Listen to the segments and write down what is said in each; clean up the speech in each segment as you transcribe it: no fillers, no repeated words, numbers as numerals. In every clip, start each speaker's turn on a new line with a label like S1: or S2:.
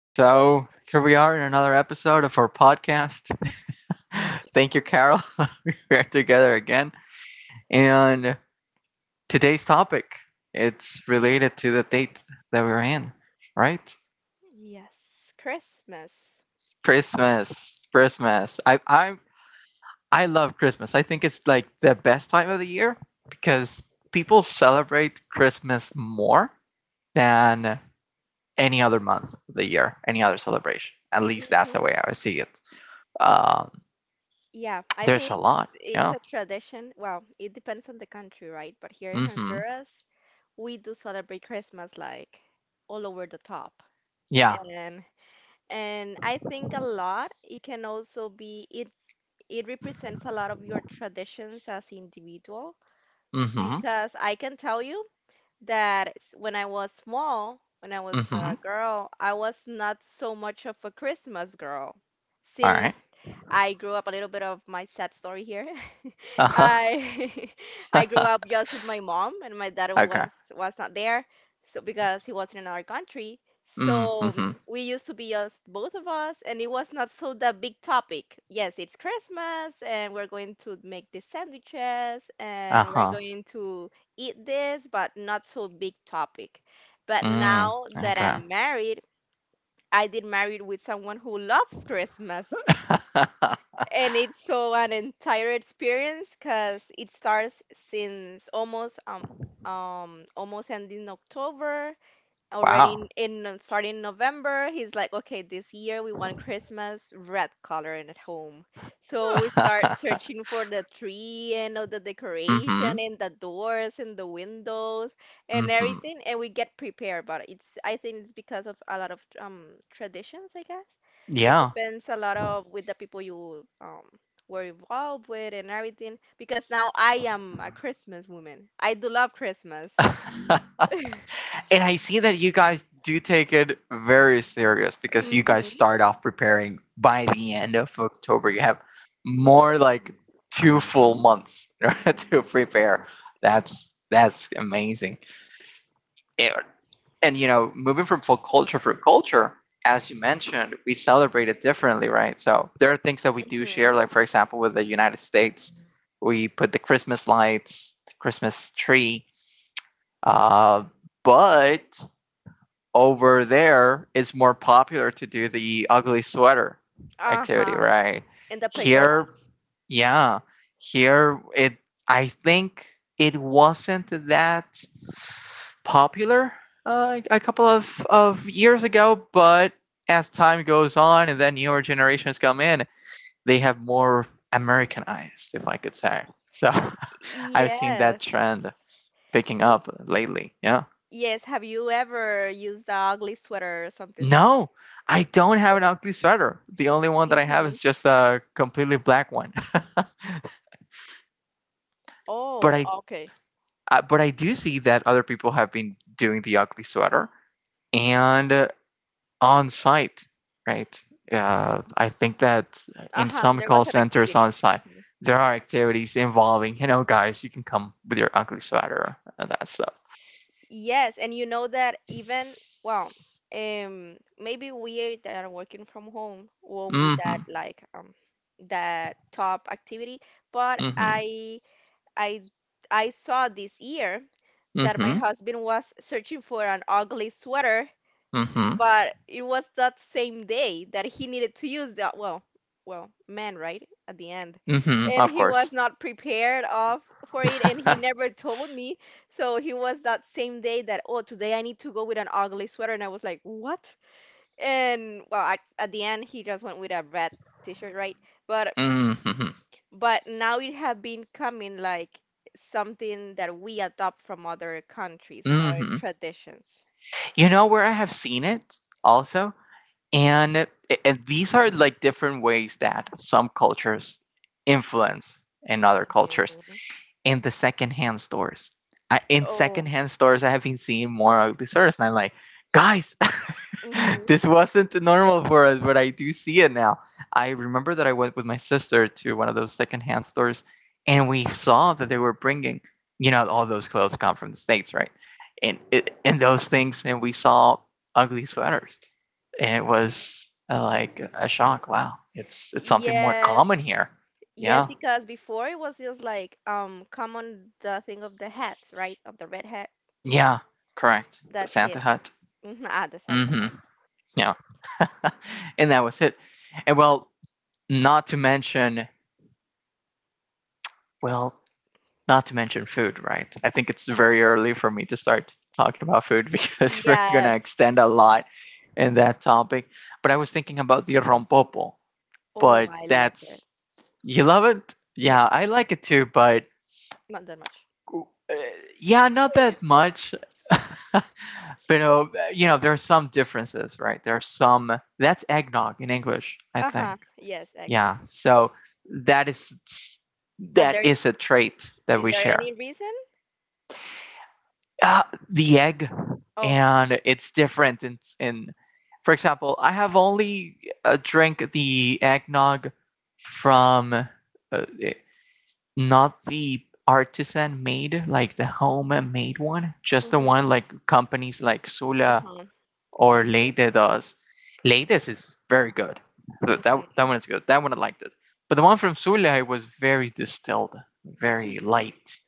S1: So here we are in another episode of our podcast. Thank you, Carol. We're together again. And today's topic, it's related to the date that we're in, right?
S2: Yes, Christmas.
S1: Christmas. Christmas. I love Christmas. I think it's like the best time of the year because people celebrate Christmas more than any other month of the year, any other celebration. At least that's
S2: Hmm.
S1: the way I would see it. Um,
S2: Yeah, I
S1: There's
S2: think
S1: a lot.
S2: it's, it's
S1: Yeah.
S2: a tradition. Well, it depends on the country, right? But here in
S1: Mm-hmm.
S2: Honduras, we do celebrate Christmas like all over the top.
S1: Yeah.
S2: And and I think a lot it can also be it represents a lot of your traditions as individual,
S1: Mm-hmm.
S2: because I can tell you that when I was small, when I was
S1: Mm-hmm.
S2: a girl, I was not so much of a Christmas girl.
S1: All right.
S2: Since I grew up a little bit of my sad story here,
S1: Uh-huh.
S2: I I grew up just with my mom and my dad
S1: Okay.
S2: was not there, so because he was in another country. So
S1: Mm-hmm.
S2: we used to be just both of us and it was not so the big topic. Yes, it's Christmas and we're going to make the sandwiches and we're
S1: Uh-huh.
S2: going to eat this, but not so big topic. But
S1: Mm.
S2: now that
S1: Okay.
S2: I'm married, I did married with someone who loves Christmas, and it's so an entire experience because it starts since almost almost ending October, already
S1: Wow.
S2: starting November. He's like, okay, this year we want Christmas red color in at home. So we start searching for the tree and all the decoration
S1: Mm-hmm.
S2: and the doors and the windows and
S1: Mm-hmm.
S2: everything, and we get prepared. But it's, I think it's because of a lot of traditions, I guess. It
S1: Yeah.
S2: depends a lot of with the people you were involved with and everything. Because now I am a Christmas woman. I do love Christmas.
S1: And I see that you guys do take it very serious because you guys
S2: Hmm.
S1: start off preparing by the end of October. You have more like two full months to prepare. That's amazing. It, and you know, moving from folk culture for culture, as you mentioned, we celebrate it differently, right? So there are things that we do
S2: Hmm.
S1: share, like for example, with the United States, we put the Christmas lights, the Christmas tree. Uh, but over there it's more popular to do the ugly sweater activity,
S2: Uh-huh.
S1: right?
S2: In the
S1: Here,
S2: pajamas.
S1: yeah, here it I think it wasn't that popular a couple of years ago, but as time goes on and then newer generations come in, they have more Americanized, if I could say. So I've seen that
S2: Yes.
S1: trend picking
S2: Y
S1: up lately. Yeah.
S2: yes. Have you ever used the ugly sweater or something?
S1: No, I don't have an ugly sweater. The only one that I have
S2: Mm-hmm.
S1: is just a completely black one. But
S2: Oh,
S1: I
S2: okay.
S1: but I do see that other people have been doing the ugly sweater and on site, right? I think that in
S2: Uh-huh.
S1: some
S2: There
S1: call
S2: was an
S1: centers
S2: activity.
S1: on site,
S2: Hmm.
S1: there are activities involving, you know, guys, you can come with your ugly sweater and that stuff.
S2: Yes, and you know that even, well, maybe we that are working from home won't be
S1: Mm-hmm.
S2: that like that top activity, but
S1: Mm-hmm.
S2: I I saw this year that my
S1: Mm-hmm.
S2: husband was searching for an ugly sweater,
S1: Mm-hmm.
S2: but it was that same day that he needed to use that, well, man, right at the end,
S1: Mm-hmm.
S2: and
S1: Of
S2: he was
S1: course.
S2: not prepared of for it and he never told me. So he was that same day that, oh, today I need to go with an ugly sweater, and I was like, what? And well, I, at the end, he just went with a red t-shirt, right? but
S1: Mm-hmm.
S2: but now it have been coming like something that we adopt from other countries and other
S1: Mm-hmm.
S2: traditions.
S1: You know where I have seen it also, and and these are like different ways that some cultures influence in other cultures
S2: Mhm.
S1: in the secondhand stores. I, in
S2: Oh.
S1: secondhand stores, I have been seeing more ugly sweaters, and I'm like, guys,
S2: Mhm.
S1: this wasn't normal for us, but I do see it now. I remember that I went with my sister to one of those secondhand stores, and we saw that they were bringing, you know, all those clothes come from the states, right? And it, and those things, and we saw ugly sweaters, and it was like a shock. Wow, it's something more
S2: Yes.
S1: common here.
S2: Yes,
S1: Yeah,
S2: because before it was just like common the thing of the hats, right? Of the red hat.
S1: yeah, correct. The
S2: That's
S1: Santa
S2: it.
S1: Hut.
S2: Mhm. Ah, the Santa
S1: Hmm.
S2: hat.
S1: Yeah. And that was it. And well, not to mention, well, not to mention food, right? I think it's very early for me to start talking about food because we're going to
S2: Yes.
S1: extend a lot in that topic. But I was thinking about the rompopo,
S2: Oh,
S1: but
S2: I love it.
S1: that's, you love it? Yeah, I
S2: Yes.
S1: like it too, but
S2: Not that much.
S1: uh, yeah, not that much. But you know, there are some differences, right? There's some that's eggnog in English, I think.
S2: Uh-huh. Yes, eggnog.
S1: Yeah, so that is
S2: But
S1: that is a
S2: there's
S1: trait that
S2: is
S1: we
S2: there
S1: share.
S2: any reason?
S1: uh, the egg,
S2: Oh.
S1: and it's different in for example I have only drank the eggnog from uh, not the artisan made, like the home made one, just the
S2: Mm-hmm.
S1: one like companies like Sula
S2: Uh-huh.
S1: or
S2: Lady.
S1: Leite does. Leites is very good. So that that
S2: Mm-hmm.
S1: one is good. That one I liked it. But the one from Sulay was very distilled, very light.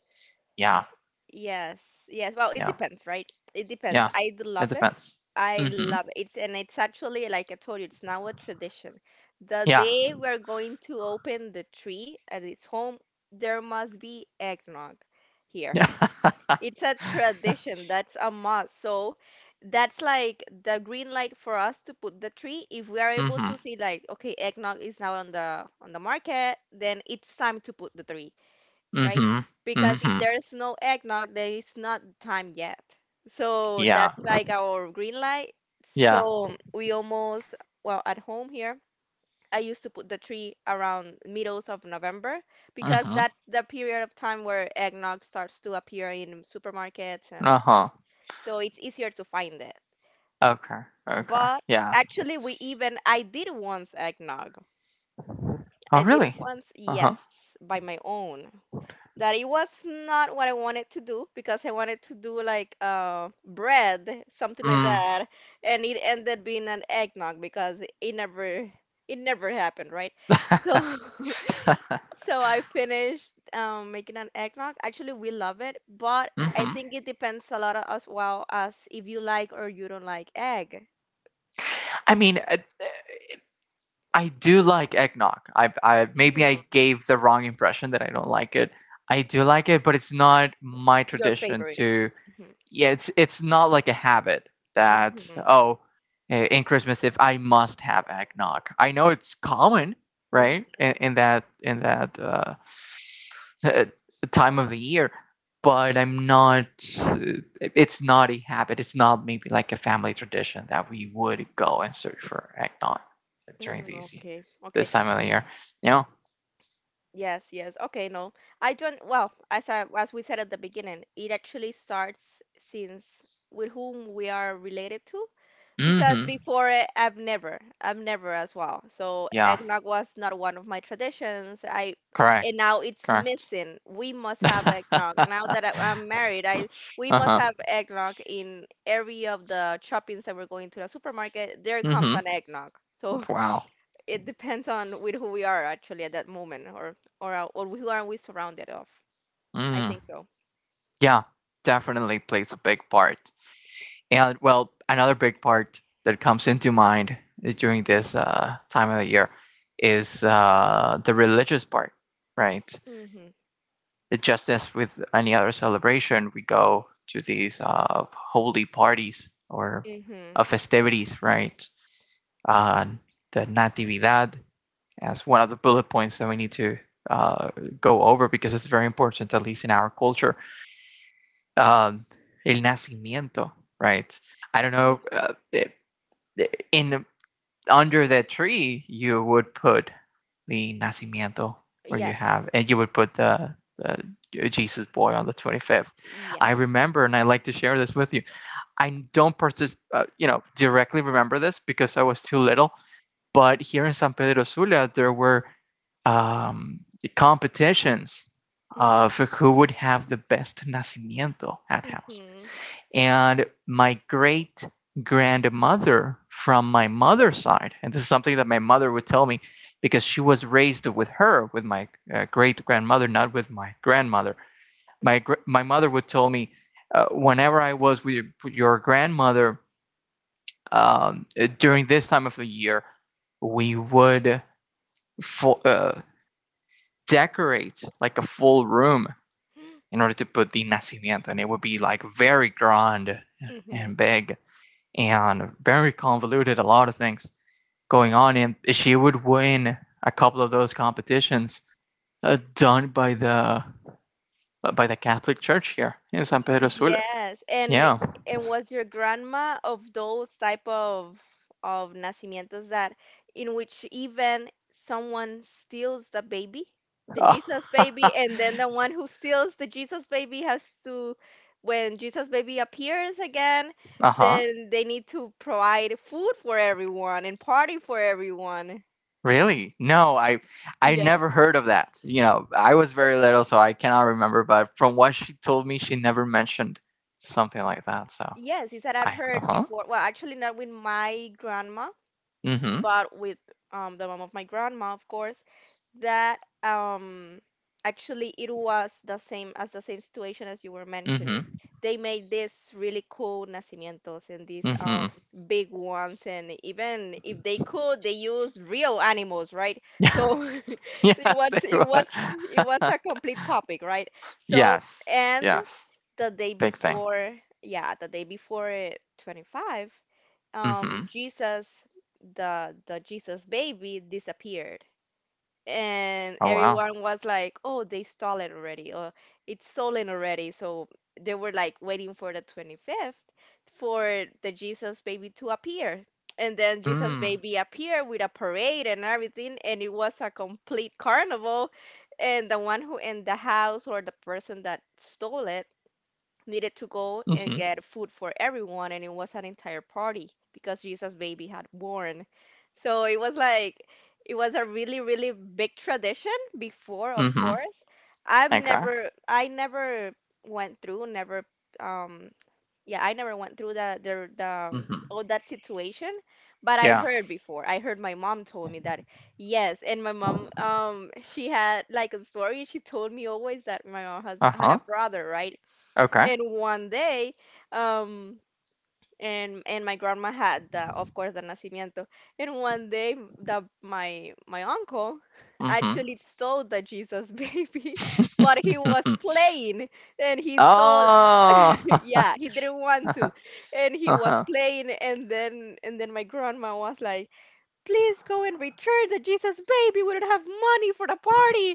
S1: Yeah,
S2: Yes, yes. Well, it
S1: yeah,
S2: depends, right? It depends.
S1: yeah.
S2: I
S1: It
S2: love it.
S1: depends.
S2: I
S1: Mm-hmm.
S2: love it. It's actually like I told you, it's now a tradition. The
S1: Yeah.
S2: day we're going to open the tree at its home, there must be eggnog here.
S1: Yeah.
S2: It's a tradition. That's a must. So that's like the green light for us to put the tree. If we are able
S1: Mm-hmm.
S2: to see like, okay, eggnog is now on the market, then it's time to put the tree, right?
S1: Mm-hmm.
S2: Because if
S1: Mm-hmm.
S2: there's no eggnog, there is not time yet. So
S1: Yeah.
S2: that's like our green light.
S1: Yeah.
S2: So we almost, well, at home here, I used to put the tree around middles of November because
S1: Mm-hmm.
S2: that's the period of time where eggnog starts to appear in supermarkets, and
S1: Uh-huh.
S2: so it's easier to find it.
S1: Okay. Okay.
S2: But
S1: Yeah.
S2: actually we even I did once eggnog.
S1: Oh,
S2: I did
S1: really?
S2: once,
S1: Uh-huh.
S2: yes, by my own, that it was not what I wanted to do because I wanted to do like bread, something like
S1: Mm.
S2: that, and it ended being an eggnog because it never happened, right? So so I finished making an eggnog. Actually, we love it, but I
S1: Mm-hmm.
S2: think it depends a lot as well as if you like or you don't like egg.
S1: I mean, I do like eggnog. I maybe
S2: Mhm.
S1: I gave the wrong impression that I don't like it. I do like it, but it's not my
S2: Your
S1: tradition
S2: favorite.
S1: to.
S2: Mhm.
S1: Yeah, it's not like a habit that
S2: Mhm.
S1: oh, eh, in Christmas if I must have eggnog. I know it's common, right?
S2: Mhm.
S1: In that in that uh, time of the year, but I'm not uh, it's not a habit, it's not maybe like a family tradition that we would go and search for eggnog during
S2: Mm.
S1: these
S2: Okay. Okay.
S1: this time of the year, you know.
S2: Yes, yes. Okay, no. I don't, well, as we said at the beginning, it actually starts since with whom we are related to, because
S1: Hmm.
S2: before it, I've never as well. So
S1: Yeah,
S2: eggnog was not one of my traditions. And
S1: correct,
S2: now it's
S1: correct.
S2: missing. We must have eggnog. Now that I'm married, we must
S1: Uh-huh.
S2: have eggnog in every of the shoppings that we're going to the supermarket. There comes
S1: Hmm.
S2: an eggnog. So
S1: Wow.
S2: it depends on with who we are actually at that moment or who are we surrounded of. I
S1: Mm.
S2: think so.
S1: Yeah, definitely plays a big part. And well, another big part that comes into mind during this time of the year is the religious part, right?
S2: Mm-hmm.
S1: It just as with any other celebration, we go to these holy parties or
S2: Mm-hmm.
S1: festivities, right? Uh, the Natividad as one of the bullet points that we need to uh, go over because it's very important, at least in our culture. Um, El nacimiento, right? I don't know.
S2: Yeah.
S1: It, in under the tree you would put the nacimiento where you have,
S2: Yes.
S1: and you would put the jesus boy on the 25th. I
S2: Yes.
S1: remember, and I like to share this with you. I don't you know, directly remember this because I was too little. But here in San Pedro Sula there were um, competitions
S2: Mm-hmm.
S1: of who would have the best nacimiento at house.
S2: Mm-hmm.
S1: And my great grandmother from my mother's side, and this is something that my mother would tell me because she was raised with her, with my great grandmother, not with my grandmother. My, my mother would tell me whenever I was with your grandmother during this time of the year, we would fu- uh, decorate like a full room in order to put the nacimiento, and it would be like very grand
S2: Mm-hmm.
S1: and big and very convoluted, a lot of things going on. And she would win a couple of those competitions done by the Catholic Church here in San Pedro Sula.
S2: Yes, and
S1: Yeah.
S2: and was your grandma of those type of nacimientos that, in which even someone steals the baby, the
S1: Uh.
S2: Jesus baby, and then the one who steals the Jesus baby has to, when Jesus baby appears again,
S1: Huh.
S2: then they need to provide food for everyone and party for everyone.
S1: Really? No, I
S2: Yes.
S1: never heard of that. You know, I was very little, so I cannot remember. But from what she told me, she never mentioned something like that. So
S2: Yes, he said I've
S1: I, uh
S2: heard
S1: huh.
S2: before. Well, actually not with my grandma,
S1: Mm
S2: but with the mom of my grandma, of course, that actually it was the same situation as you were
S1: hmm.
S2: mentioning.
S1: Mm
S2: They made these really cool nacimientos and
S1: hmm.
S2: these
S1: Mm
S2: big ones, and even if they could, they used real animals, right?
S1: hmm.
S2: So
S1: Yes,
S2: was
S1: they
S2: it
S1: were.
S2: was it was a complete topic, right? So
S1: Yes.
S2: and
S1: Yes.
S2: the day
S1: Big thing.
S2: before, yeah, the day before 25,
S1: Mm-hmm.
S2: Jesus, the Jesus baby disappeared, and
S1: Oh wow.
S2: everyone was like, oh, they stole it already, or it's stolen already. So they were like waiting for the 25th for the Jesus baby to appear, and then Jesus
S1: Mm.
S2: baby appeared with a parade and everything, and it was a complete carnival, and the one who in the house or the person that stole it needed to go
S1: Mm-hmm.
S2: and get food for everyone, and it was an entire party because Jesus' baby had born. So it was a really, really big tradition before, of
S1: Mm-hmm.
S2: course.
S1: Okay.
S2: I never went through, never, um, yeah, I never went through the
S1: Mm-hmm.
S2: all that situation, but I've
S1: Yeah.
S2: heard before. I heard my mom told me that, yes, and my mom, she had like a story she told me always that my mom has had a
S1: Uh-huh.
S2: brother, right?
S1: Okay.
S2: And one day, um, and my grandma had the, of course, the nacimiento. And one day, the my uncle
S1: Mm-hmm.
S2: actually stole the Jesus baby, but he was playing, and he stole.
S1: Oh.
S2: Yeah, he didn't want to, and he was
S1: Uh-huh.
S2: playing, and then my grandma was like, "Please go and return the Jesus baby. We don't have money for the party.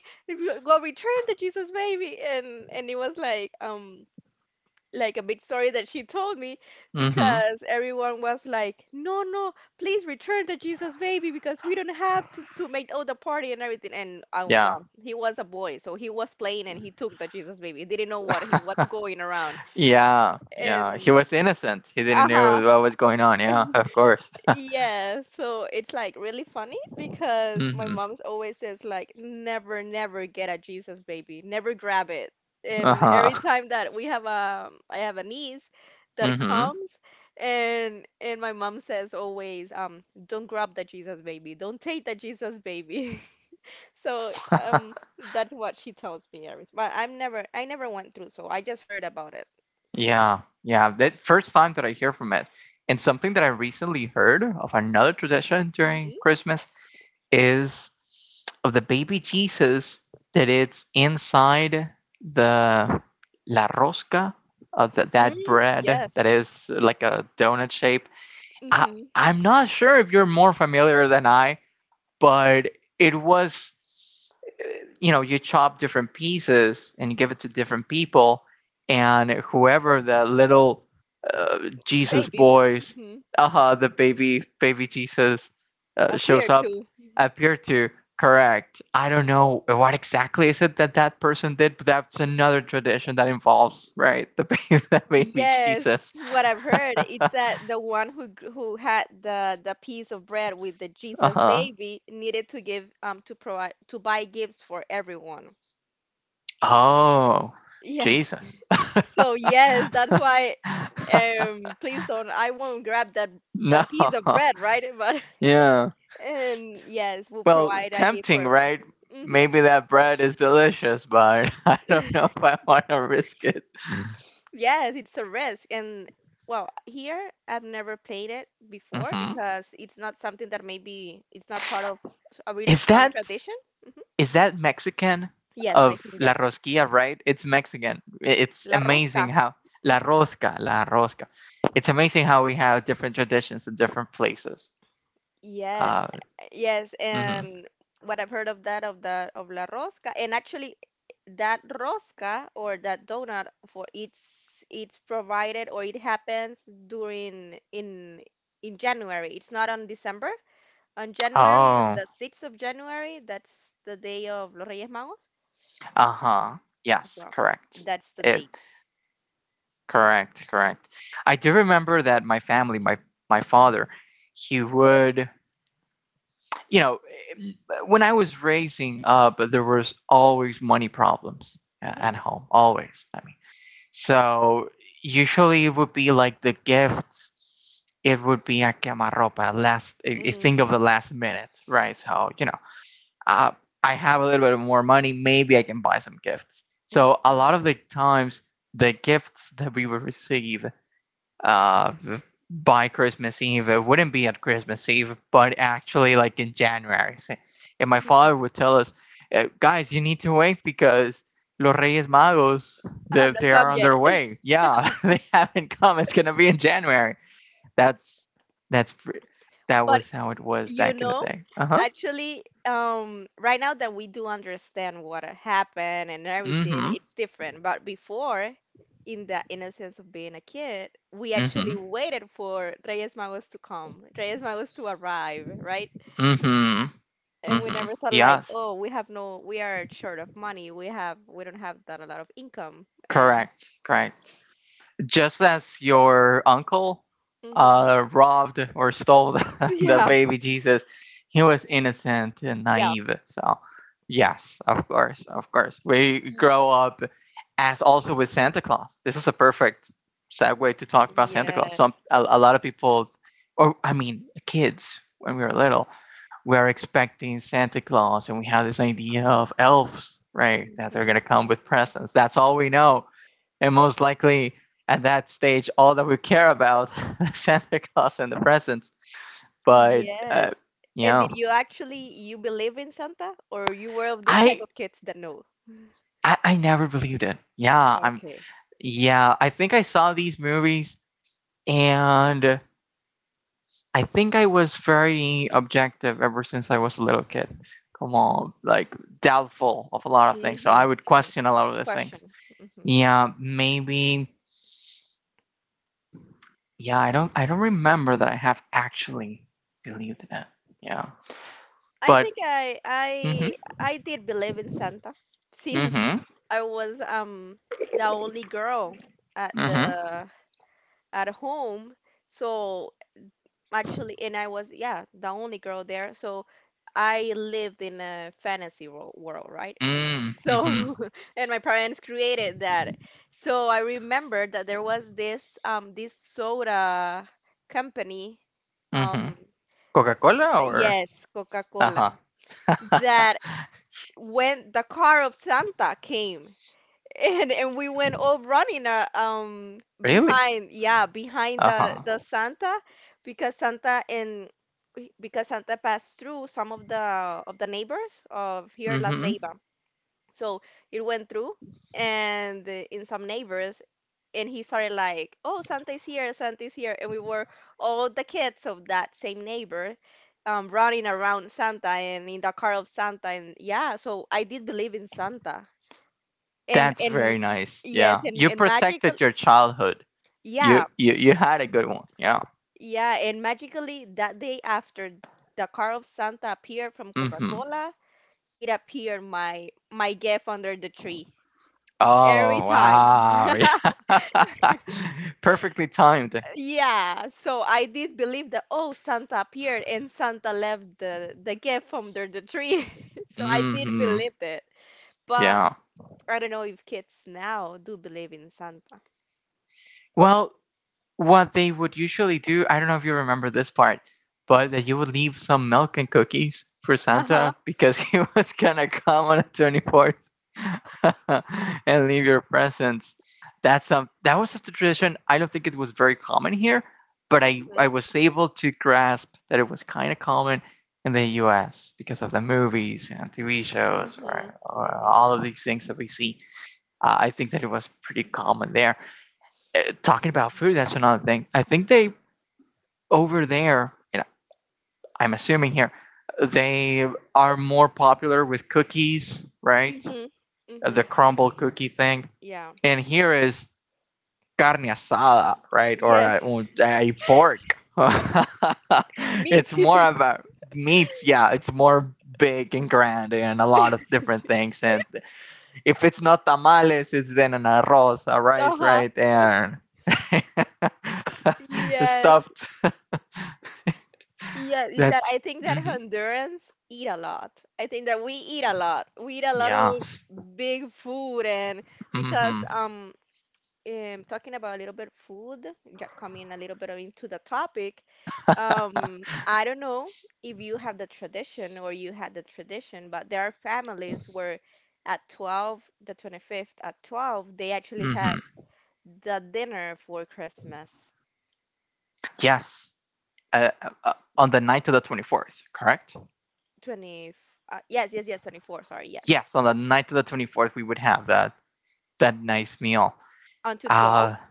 S2: Go return the Jesus baby." And it was like a big story that she told me
S1: Mm-hmm.
S2: because everyone was like, "No, no, please return the Jesus baby, because we don't have to make all the party and everything." And
S1: Yeah.
S2: well, he was a boy, so he was playing and he took the Jesus baby. He didn't know what he was going around.
S1: Yeah. Yeah. He
S2: And
S1: was innocent. He didn't
S2: uh-huh.
S1: know what was going on. Yeah. Of course.
S2: Yeah, so it's like really funny because my
S1: Mm-hmm.
S2: mom's always says like, never, never get a Jesus baby, never grab it. And
S1: Uh-huh.
S2: every time that we have I have a niece that
S1: Mm-hmm.
S2: comes, and my mom says always, don't grab the Jesus baby, don't take the Jesus baby. So that's what she tells me every. But I never went through, so I just heard about it.
S1: Yeah. Yeah. That first time that I hear from it. And something that I recently heard of another tradition during
S2: Hmm.
S1: Christmas is of the baby Jesus, that it's inside the la rosca of the, that
S2: Mm,
S1: bread that
S2: yes.
S1: is like a donut shape. I,
S2: Hmm.
S1: I'm not sure if you're more familiar than I, but it was, you know, you chop different pieces and give it to different people, and whoever the little uh, jesus
S2: Baby.
S1: boys, aha, uh-huh, the baby baby jesus
S2: Appear
S1: shows up,
S2: to.
S1: appear to, correct. I don't know what exactly is it that that person did, but that's another tradition that involves, right, the baby the baby
S2: Yes,
S1: jesus.
S2: what I've heard, it's that the one who who had the piece of bread with the Jesus
S1: Uh-huh.
S2: baby needed to give, to provide, to buy gifts for everyone.
S1: Oh.
S2: Yes.
S1: Jesus.
S2: So yes, that's why, please, don't I won't grab that
S1: No.
S2: that piece of bread, right? But
S1: Yeah.
S2: and yes, we'll
S1: Well,
S2: provide a gift for
S1: tempting,
S2: everyone.
S1: right?
S2: Mm-hmm.
S1: Maybe that bread is delicious, but I don't know if I want to risk it.
S2: Yes, it's a risk. And well, here I've never played it before
S1: Hmm.
S2: because it's not something that maybe it's not part of a really
S1: Is
S2: strong
S1: that
S2: tradition.
S1: is that Mexican
S2: Yes, I
S1: of
S2: think
S1: La
S2: yes.
S1: Rosquilla, right? It's Mexican. I- It's
S2: La
S1: amazing
S2: rosca.
S1: how La
S2: Hmm.
S1: Rosca, La Rosca. It's amazing how we have different traditions in different places.
S2: Yes,
S1: Uh,
S2: yes,
S1: mhm.
S2: and what I've heard of that, of la rosca, and actually, that rosca or that donut for it's provided, or it happens during in January. It's not on December. On January, on
S1: Oh,
S2: the 6th of January, that's the day of Los Reyes Magos.
S1: uh huh. Yes,
S2: Well,
S1: correct.
S2: that's the
S1: It
S2: date.
S1: correct, correct. I do remember that my family, my father, he would, you know, when I was raising up, there was always money problems
S2: Mhm.
S1: at home, always. I mean, so usually it would be like the gifts. It would be a quemarropa, last a
S2: Mm,
S1: thing of the last minute, right? So you know, uh, I have a little bit more money, maybe I can buy some gifts. So a
S2: mhm,
S1: lot of the times, the gifts that we would receive uh, by Christmas Eve. It wouldn't be at Christmas Eve, but actually like in January. So, and my father
S2: mhm.
S1: would tell us, guys, you need to wait because Los Reyes Magos,
S2: I've not
S1: they
S2: come
S1: are on
S2: yet.
S1: their way. Yeah, they haven't come. It's gonna be in January. That's that's that
S2: But
S1: was how it was
S2: you
S1: back in the
S2: know,
S1: day. Uh huh.
S2: actually, right now that we do understand what happened and
S1: Mm
S2: everything,
S1: hmm.
S2: it's different. But before, in the innocence of being a kid, we
S1: Mm hmm.
S2: actually waited for Reyes Magos to come, Reyes Magos to arrive, right?
S1: Mm hmm. Mm
S2: And we
S1: hmm.
S2: never thought like,
S1: Yes.
S2: oh, we have no, we are short of money. We don't have that a lot of income, and
S1: Correct. Correct. Just as your uncle
S2: hmm
S1: robbed or stole the, the
S2: yeah,
S1: baby Jesus, he was innocent and
S2: yeah,
S1: naive. So, yes, of course, of course. We
S2: Y-
S1: grow up as also with Santa Claus. This is a perfect segue to talk about Santa Claus.
S2: yes,
S1: Some a lot of people, or I mean, kids when we were little, we are expecting Santa Claus, and we have this
S2: to
S1: idea
S2: come.
S1: of elves, right? That they're gonna come with
S2: hmm
S1: presents. That's all we know, and most likely at that stage, all that we care about is Santa Claus and the presents. But
S2: Yes.
S1: you
S2: And did
S1: know,
S2: you actually you believe in Santa, or you were of this type
S1: I,
S2: of kids that know?
S1: I never believed it. Yeah, I'm.
S2: Okay.
S1: Yeah, I think I saw these movies, and I think I was very objective ever since I was a little kid. Come on, like doubtful of a lot of things. So
S2: Mm-hmm.
S1: I would question a lot of those things.
S2: Question. Mm-hmm.
S1: Yeah, maybe. Yeah, I don't remember that I have actually believed in it. Yeah,
S2: I
S1: but
S2: think I I
S1: mhm,
S2: I did believe in Santa since
S1: mhm,
S2: I was the only girl at
S1: mhm,
S2: the at home. So actually, and I was yeah the only girl there. So I lived in a fantasy world, right?
S1: mm, mhm,
S2: So and my parents created that. So I remember that there was this soda company.
S1: mhm.
S2: Um,
S1: Coca-Cola or?
S2: yes, Coca-Cola,
S1: Uh-huh.
S2: that when the car of Santa came and we went all running
S1: Really?
S2: behind, yeah, behind the
S1: Uh-huh.
S2: the Santa, because Santa and because Santa passed through some of the neighbors of here La
S1: Mhm.
S2: Ceiba, so it went through and in some neighbors, and he started like, "Oh, Santa's here," and we were all the kids of that same neighbor, running around Santa and in the car of Santa, and yeah, so I did believe in Santa, and
S1: That's
S2: and
S1: very nice.
S2: yes,
S1: Yeah.
S2: and
S1: You
S2: and magical,
S1: protected your childhood.
S2: yeah,
S1: You had a good one. Yeah.
S2: yeah, and magically that day after the car of Santa appeared from
S1: Mhm.
S2: Coca-Cola, it appeared my gift under the tree every
S1: Oh,
S2: time.
S1: wow. Yeah. Perfectly timed.
S2: Yeah, so I did believe that oh Santa appeared and Santa left the gift under the tree. So I did
S1: Mhm.
S2: believe it. But
S1: Yeah.
S2: I don't know if kids now do believe in Santa.
S1: Well, what they would usually do, I don't know if you remember this part, but that
S2: Mhm.
S1: you would leave some milk and cookies for
S2: Uh-huh.
S1: Santa because he was gonna come on the 24th and leave your presents. That's that was just a tradition. I don't think it was very common here, but I,
S2: Mhm.
S1: I was able to grasp that it was kind of common in the US because of the movies and TV shows or,
S2: Mhm.
S1: or
S2: Mhm.
S1: all of these things that we see. I think that it was pretty common there. Talking about food, that's another thing. I think they over there, you know, I'm assuming here, they are more popular with cookies, right?
S2: Mhm.
S1: The
S2: Mhm.
S1: crumble cookie thing.
S2: Yeah.
S1: And here is carne asada, right? Or
S2: Yes.
S1: a pork.
S2: Me
S1: It's
S2: too.
S1: more about meats. Yeah, it's more big and grand and a lot of different things. And if it's not tamales, it's then an arroz, a rice,
S2: Uh-huh.
S1: right? And
S2: Yes.
S1: stuffed.
S2: Yeah, it's that
S1: That's,
S2: I think that
S1: mm-hmm.
S2: Hondurans eat a lot. I think that we eat a lot. We eat a lot
S1: Yeah.
S2: of big food, and because
S1: Mm-hmm.
S2: talking about a little bit food, yeah, coming a little bit into the topic, I don't know if you have the tradition or you had the tradition, but there are families where at 12, the 25th, at 12, they actually had
S1: Mm-hmm.
S2: the dinner for Christmas.
S1: Yes. On the night of the 24th, correct?
S2: 20, yes, yes, yes, 24, sorry, yes.
S1: Yes, on the night of the 24th, we would have that nice meal.
S2: Until
S1: Uh,
S2: 12?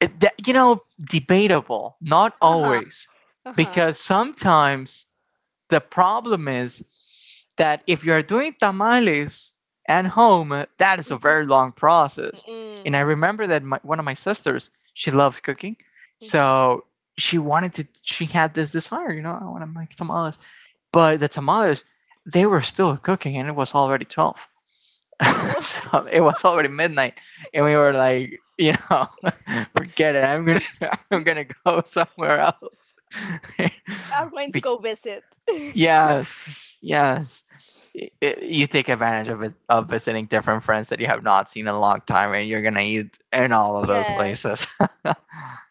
S1: it, that, you know, debatable. Not
S2: Uh-huh.
S1: always,
S2: Uh-huh.
S1: because sometimes the problem is that if you're doing tamales at home, that is a
S2: Mhm.
S1: very long process. And I
S2: Mm,
S1: remember that one of my sisters, she loves cooking. So
S2: mhm.
S1: she had this desire, you know, I want to make tamales. But the tamales, they were still cooking and it was already 12.
S2: Oh,
S1: So it was already midnight and we were like, you know, forget it. I'm gonna I'm gonna go somewhere else.
S2: I'm going to
S1: Be-
S2: go visit.
S1: Yes, yes. You take advantage of it, of visiting different friends that you have not seen in a long time, and you're gonna eat in all of those places.
S2: Yes.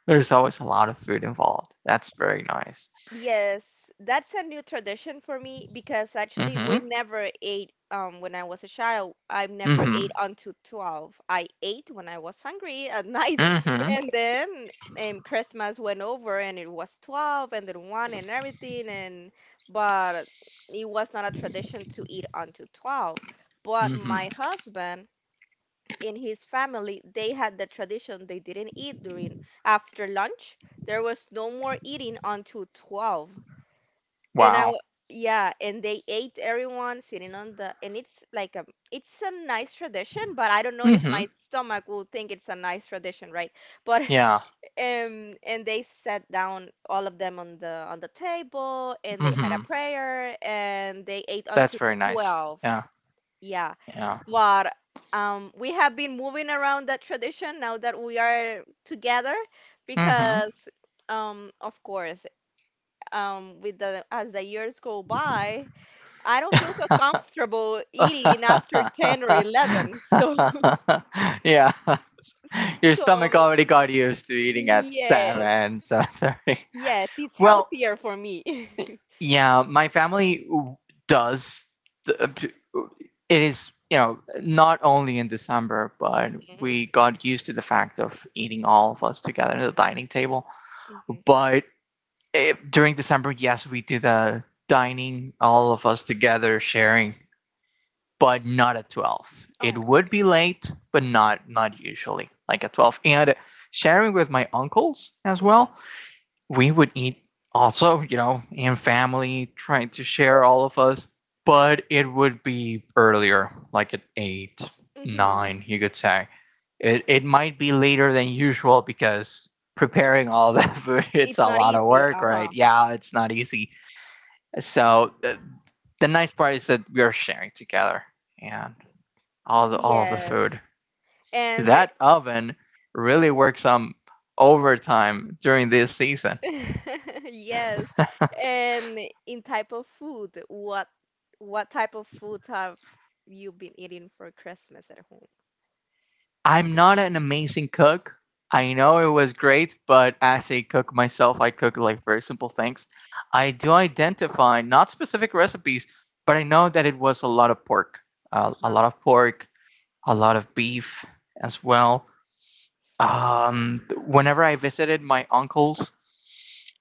S1: There's always a lot of food involved. That's very nice.
S2: Yes. That's a new tradition for me, because actually we
S1: Mm-hmm.
S2: never ate when I was a child. I've never
S1: Mm-hmm.
S2: ate until 12. I ate when I was hungry at night
S1: Mm-hmm.
S2: and then Christmas went over and it was 12 and then 1 and everything, and but it was not a tradition to eat until 12. But my
S1: Mm-hmm.
S2: husband, in his family, they had the tradition they didn't eat during after lunch. There was no more eating until 12. And I,
S1: Wow.
S2: w- yeah, and they ate everyone sitting on the, and it's like a, it's a nice tradition, but I don't know if
S1: Mm-hmm.
S2: my stomach will think it's a nice tradition, right? But
S1: Yeah.
S2: and they sat down, all of them on the table, and they had a
S1: Mm-hmm.
S2: prayer, and they ate
S1: That's
S2: until
S1: very nice.
S2: 12.
S1: Yeah.
S2: Yeah,
S1: Yeah.
S2: but we have been moving around that tradition now that we are together,
S1: Mm-hmm.
S2: because of course, with the as the years go by I don't feel so comfortable eating after 10 or 11, so
S1: Yeah. Your stomach
S2: so
S1: already got used to eating at
S2: yes,
S1: 7, 7:30.
S2: yes, it's
S1: Well,
S2: healthier for me.
S1: yeah, does. It is, you know, not only in December, but
S2: Hmm.
S1: we got used to the fact of eating all of us together at the dining table.
S2: Hmm.
S1: But during December, yes, we do the dining, all of us together sharing. But not at 12. It
S2: Oh,
S1: would
S2: okay,
S1: be late, but not usually like at 12. And sharing with my uncles as well,
S2: okay.
S1: we would eat also, you know, in family, trying to share all of us, but it would be earlier, like at 8,
S2: Hmm. Hmm.
S1: 9, you could say. It might be later than usual because preparing all that food, it's
S2: It's
S1: a
S2: not
S1: lot of
S2: easy.
S1: work, right?
S2: Uh-huh.
S1: Yeah, it's not easy. So the nice part is that we are sharing together and all of the
S2: Yes.
S1: food.
S2: And
S1: That oven really works some overtime during this season.
S2: Yes. And in type of food, what type of food have you been eating for Christmas at home?
S1: I'm not an amazing cook. I
S2: Uh-huh.
S1: know it was great, but as a cook myself, I cook like very simple things. I do identify not specific recipes, but I know that it was a lot of pork, uh, a
S2: Uh-huh.
S1: lot of pork, a lot of beef as well. Whenever I visited my uncles,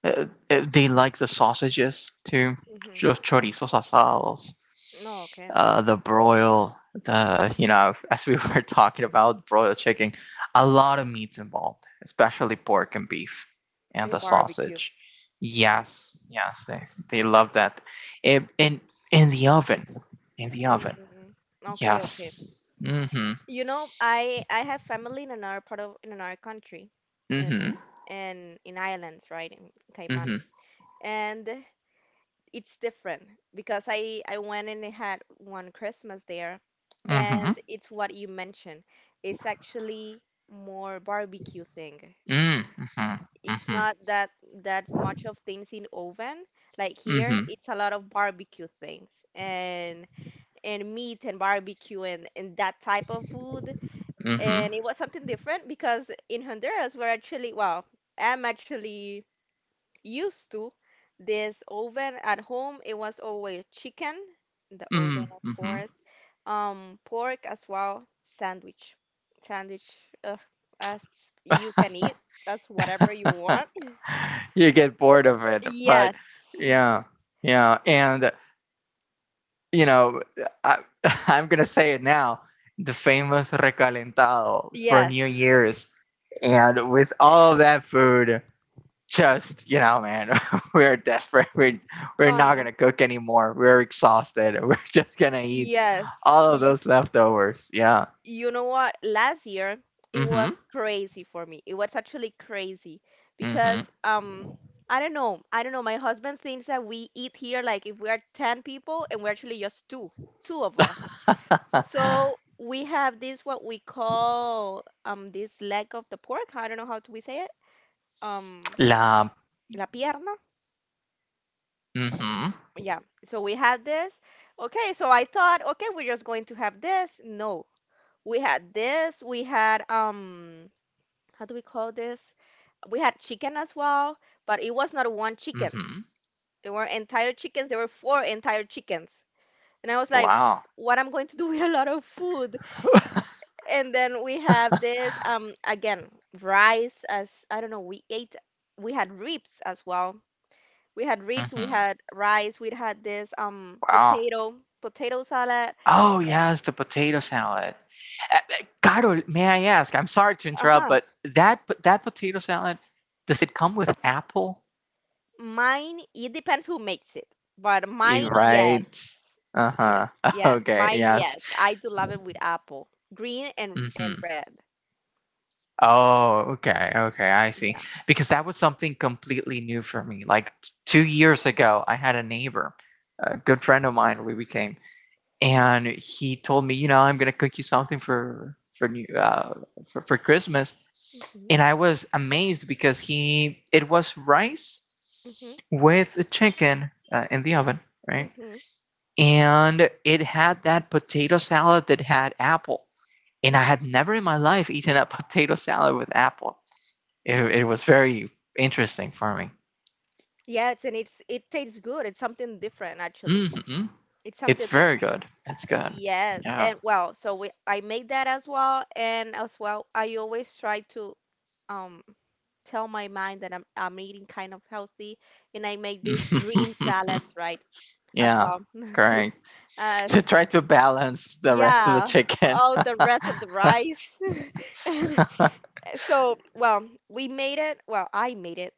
S1: They like the sausages too,
S2: Mm-hmm.
S1: chorizos asados,
S2: No, okay.
S1: the broil, the you know, as we were talking about broiled chicken, a lot of meats involved, especially pork and beef, and the
S2: In barbecue.
S1: sausage. Yes, yes, they love that. In in, in the oven, in the oven.
S2: Mm-hmm. Okay, okay.
S1: Yes. Mhm.
S2: You know, I have family in another part of in another country, and
S1: Mhm.
S2: in Ireland, right, in Cayman,
S1: Mhm.
S2: and it's different because I went and I had one Christmas there,
S1: Mhm.
S2: and it's what you mentioned. It's actually more barbecue thing.
S1: Mm. Mhm.
S2: It's
S1: Mhm.
S2: not that much of things in oven. Like here,
S1: Mhm.
S2: it's a lot of barbecue things, and meat and barbecue, and that type of food. And it was something different because in Honduras, we're actually, well, I'm actually used to this oven at home. It was always chicken in the oven,
S1: Mhm.
S2: of
S1: Mhm.
S2: course, pork as well, sandwich, sandwich, uh, as you can eat, as whatever you want.
S1: You get bored of it. But
S2: Yes,
S1: yeah, yeah, and you know, I, I'm gonna say it now. The famous recalentado for
S2: yes,
S1: New Year's, and with
S2: Eh,
S1: all that food, just you know, man, we're desperate. We're
S2: I
S1: not
S2: know.
S1: gonna cook anymore. We're exhausted. We're just gonna eat
S2: Yes,
S1: all of
S2: you,
S1: those leftovers. Yeah.
S2: you know what? Last year it
S1: Mm-hmm.
S2: was crazy for me. It was actually crazy
S1: Mm-hmm.
S2: because I don't know. I don't know. My husband thinks that we eat here like if we are 10 people, and we're actually just two, two of us. So we have this what we call this leg of the pork. I don't know how do we say it. Um
S1: La.
S2: La pierna.
S1: Mm-hmm.
S2: Yeah. So we had this. Okay, so I thought, okay, we're just going to have this. No. We had this. We had how do we call this? We had chicken as well, but it was not one chicken.
S1: Mm-hmm.
S2: There were entire chickens. There were four entire chickens, and I was like,
S1: Wow.
S2: "What I'm going to do with a lot of food?" And then we have this again rice as I don't know. We ate. We had ribs as well. We had ribs. We
S1: Mm-hmm.
S2: had rice. We had this
S1: Wow.
S2: potato salad.
S1: Oh, yes, the potato salad. Caro, may I ask? I'm sorry to
S2: Uh
S1: interrupt,
S2: huh.
S1: but that potato salad, does it come with apple?
S2: Mine, it depends who makes it, but
S1: You're
S2: mine,
S1: right.
S2: yes. Yes,
S1: Uh-huh.
S2: yes,
S1: Okay,
S2: mine,
S1: yes.
S2: yes. I do love it with apple, green and
S1: Mm-hmm.
S2: red.
S1: Oh, okay, okay, I see.
S2: Yeah.
S1: Because that was something completely new for me. Like 2 years ago, I had a neighbor, a good friend of mine, we became, and he told me, you know, I'm gonna cook you something for new for Christmas.
S2: Hmm.
S1: And I was amazed because he it was rice
S2: Hmm.
S1: with chicken in the oven,
S2: Hmm.
S1: right?
S2: Hmm.
S1: And it had that potato salad that had apple, and I had never in my life eaten a potato salad with apple. It was very interesting for me.
S2: Yes, and it tastes good. It's something different actually.
S1: Hmm.
S2: It's
S1: It's
S2: something different.
S1: very good. It's good.
S2: Yes,
S1: Yeah.
S2: and well, so we I make that as well, and as well, I always try to um tell my mind that I'm eating kind of healthy, and I make these green salads, right? As
S1: Yeah.
S2: well, to
S1: Correct.
S2: Uh,
S1: To
S2: s-
S1: try to balance the rest of the
S2: yeah,
S1: chicken.
S2: all the rest of the rice. So, well, we made it. Well, I made it,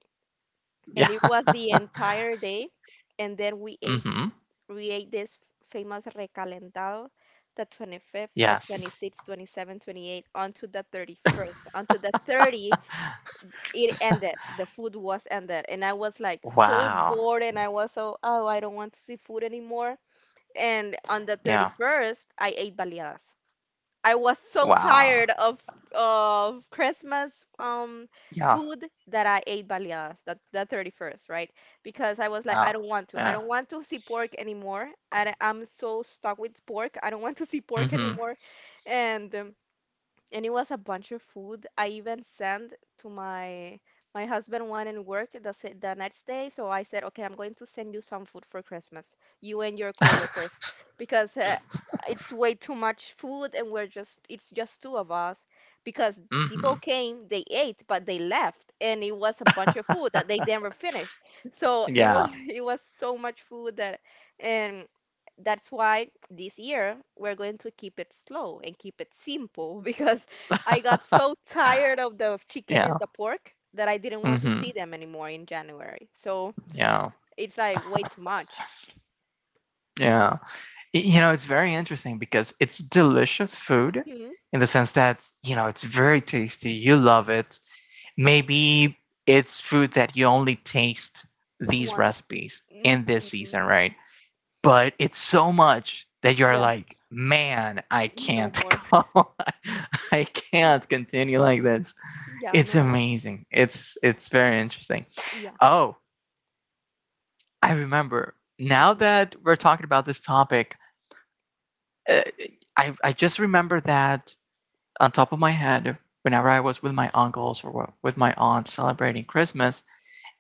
S2: and
S1: Yeah.
S2: it was the entire day. And then
S1: Hmm.
S2: we ate this famous recalentado, the 25th, the
S1: Yes.
S2: 26th, 27th, 28th, onto the 31st. Onto the 30th, it ended. The food was ended, and I was like so
S1: Wow.
S2: bored, and I was so, oh, I don't want to see food anymore. And on the
S1: Yeah.
S2: 31st, I ate baleadas. I was so tired
S1: Wow.
S2: of Christmas
S1: Yeah.
S2: food that I ate baleadas that the 31st, right? Because I was like, I don't
S1: Wow.
S2: want to. I don't
S1: Yeah.
S2: want to see pork anymore. And I'm so stuck with pork. I don't want to see pork
S1: Mhm.
S2: anymore. And it was a bunch of food. I even sent to my husband one in work the next day, so I said, okay, I'm going to send you some food for Christmas, you and your coworkers, because it's way too much food, and we're just it's just two of us, because people
S1: Mhm.
S2: came, they ate, but they left, and it was a bunch of food that they never finished. So it was
S1: Yeah.
S2: it was so much food that, and that's why this year we're going to keep it slow and keep it simple. Because I got so tired of the chicken and
S1: Yeah.
S2: the pork that I didn't want to see
S1: Mhm.
S2: them anymore in January. So
S1: Yeah.
S2: it's like way too much.
S1: Yeah. You know, it's very interesting because it's delicious food
S2: Hmm.
S1: in the sense that, you know, it's very tasty. You love it. Maybe it's food that you only taste these
S2: Once.
S1: recipes
S2: Hmm.
S1: in this season, right? But it's so much that you're
S2: Yes.
S1: like, man, I
S2: No
S1: can't
S2: more.
S1: go. I can't continue like this.
S2: Yeah,
S1: It's
S2: no more.
S1: amazing. It's very interesting.
S2: Yeah.
S1: Oh, I remember. Now
S2: Hmm.
S1: that we're talking about this topic, uh, I just remember that on top of my head whenever I was with my uncles or with my aunt celebrating Christmas.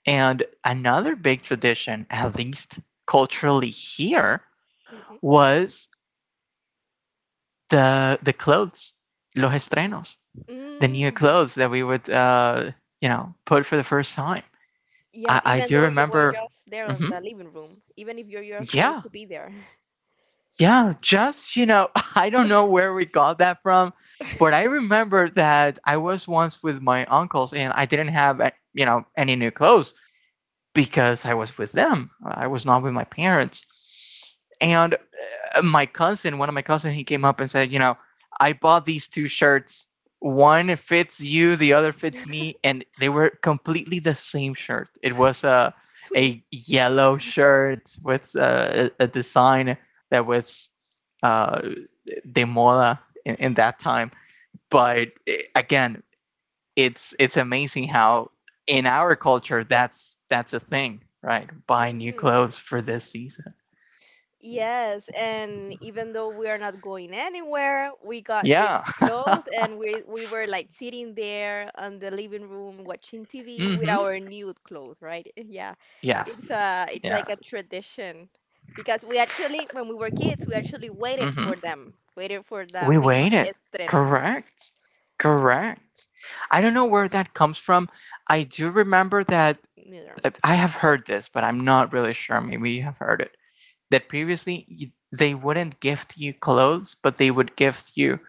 S1: And another big tradition, at least culturally here,
S2: Hmm.
S1: was the clothes, los estrenos, the
S2: Mm,
S1: new clothes that
S2: yes.
S1: we would you know put for the first time.
S2: Yes,
S1: I
S2: even
S1: do
S2: though you were
S1: remember.
S2: just there on
S1: Hmm.
S2: the living room, even if you're just going
S1: Yeah,
S2: to be there.
S1: yeah. Just you know, I don't know where we got that from, but I remember that I was once with my uncles and I didn't have you know any new clothes because I was with them. I was not with my parents. And my cousin, one of my cousin, he came up and said, you know, I bought these two shirts. One fits you, the other fits me, and they were completely the same shirt. It was a
S2: Twins.
S1: yellow shirt with a design that was uh, de moda in that time. But again, it's amazing how in our culture that's a thing, right? Buy new
S2: Hmm.
S1: clothes for this season.
S2: Yes, and even though we are not going anywhere, we got
S1: Yeah.
S2: this clothes, and we were like sitting there on the living room watching TV with
S1: Hmm.
S2: our new clothes, right? Yeah. It's
S1: Yes.
S2: uh it's like
S1: Yeah.
S2: a tradition because we actually when we were kids, we actually waited for
S1: Hmm.
S2: them, waited for the
S1: We
S2: famous
S1: waited.
S2: estrenos.
S1: Correct. Correct. I don't know where that comes from. I do remember
S2: Mm-hmm,
S1: that I have heard this, but I'm not really sure. Maybe you have heard it. That previously you, they wouldn't gift you clothes, but they would gift you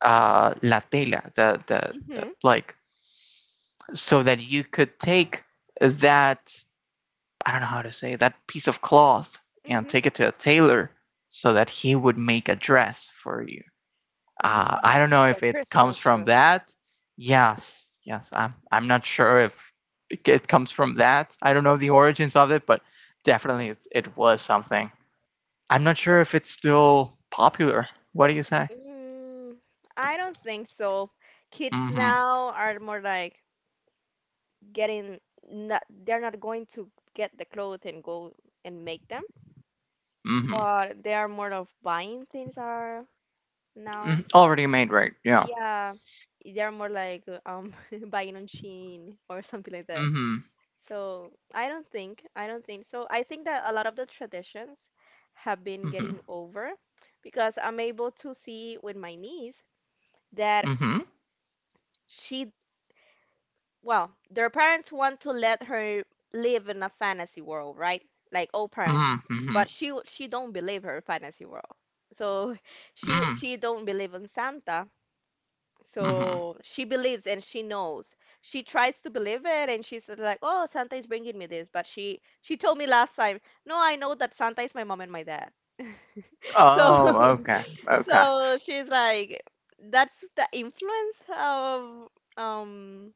S1: la tela, the like, so that you could take that I don't know how to say that piece of cloth and
S2: mm-hmm.
S1: take it to a tailor, so that he would make a dress for you.
S2: Mm,
S1: I don't know
S2: the
S1: if it comes
S2: Christmas
S1: from
S2: dress.
S1: that. Yes, yes. I'm not sure if it comes from that. I don't know the origins of it, but definitely it was something. I'm not sure if it's still popular. What do you say?
S2: Mm, I don't think so. Kids
S1: Mm-hmm.
S2: now are more like getting not they're not going to get the clothes and go and make them,
S1: Mm-hmm.
S2: but they are more of buying things are now.
S1: Mm. Already made, right? Yeah.
S2: Yeah, they're more like buying on Shein or something like that.
S1: Mm-hmm.
S2: So I don't think so. I think that a lot of the traditions have been
S1: Mm-hmm.
S2: getting over because I'm able to see with my niece that
S1: Mm-hmm.
S2: she well, their parents want to let her live in a fantasy world, right? Like all
S1: Mm-hmm.
S2: parents.
S1: Mm-hmm.
S2: But she don't believe her fantasy world. So she
S1: Mm-hmm.
S2: she don't believe in Santa.
S1: Mm-hmm.
S2: So she believes and she knows. She tries to believe it and she's like, "Oh, Santa is bringing me this." But she told me last time, "No, I know that Santa is my mom and my dad." So
S1: Oh, okay. Okay.
S2: she's like, that's the influence of um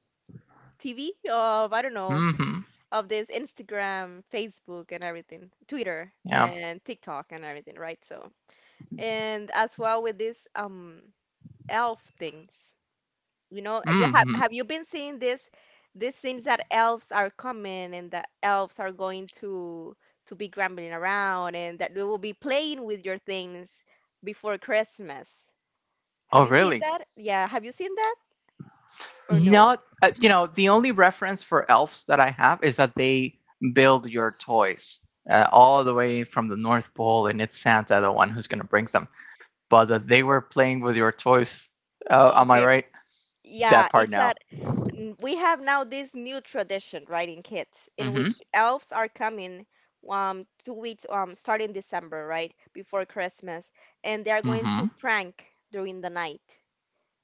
S2: TV of I don't know
S1: Mm-hmm.
S2: of this Instagram, Facebook, and everything, Twitter
S1: Yeah.
S2: and TikTok and everything, right? So, and as well with this elf things, you
S1: Mm-hmm.
S2: have you been seeing this these things that elves are coming and that elves are going to be grumbling around and that they will be playing with your things before Christmas. Have
S1: Oh,
S2: you seen
S1: really?
S2: that? Yeah, have you seen that or no?
S1: Not, you know, the only reference for elves that I have is that they build your toys all the way from the North Pole, and it's Santa, the one who's going to bring them. But that they were playing with your toys. Am I
S2: Okay.
S1: right?
S2: Yeah,
S1: That part
S2: it's
S1: now.
S2: that we have now this new tradition, right, in kids,
S1: Mm
S2: in
S1: hmm.
S2: which elves are coming 2 weeks starting December, right, before Christmas, and they are
S1: Mm
S2: going
S1: hmm.
S2: to prank during the night.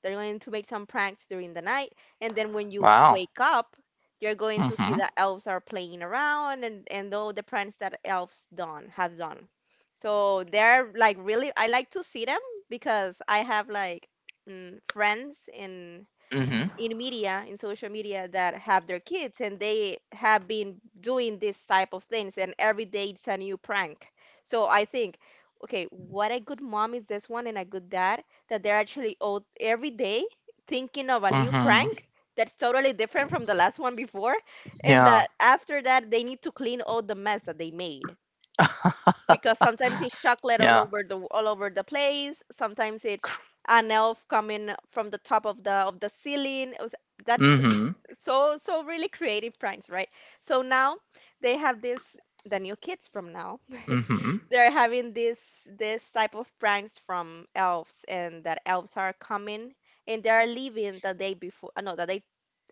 S2: They're going to make some pranks during the night, and then when you
S1: Wow.
S2: wake up, you're going to see
S1: Mm
S2: that elves are playing around and all the pranks that elves done have done. So they're like really, I like to see them because I have like friends
S1: hmm. Mm hmm.
S2: in media, in social media that have their kids and they have been doing this type of things and every day it's a new prank. So I think, okay, what a good mom is this one and a good dad that they're actually out every day thinking of a
S1: Mm
S2: new
S1: hmm.
S2: prank that's totally different from the last one before and
S1: Yeah.
S2: that after that they need to clean all the mess that they made because sometimes it's chocolate all
S1: Yeah.
S2: over the place. Sometimes it's an elf coming from the top of the ceiling. It was,
S1: Mm
S2: that's
S1: hmm.
S2: So really creative pranks, right? So now they have this the new kids from now.
S1: Mm hmm.
S2: They're having this type of pranks from elves, and that elves are coming and they are leaving the day before. No, the day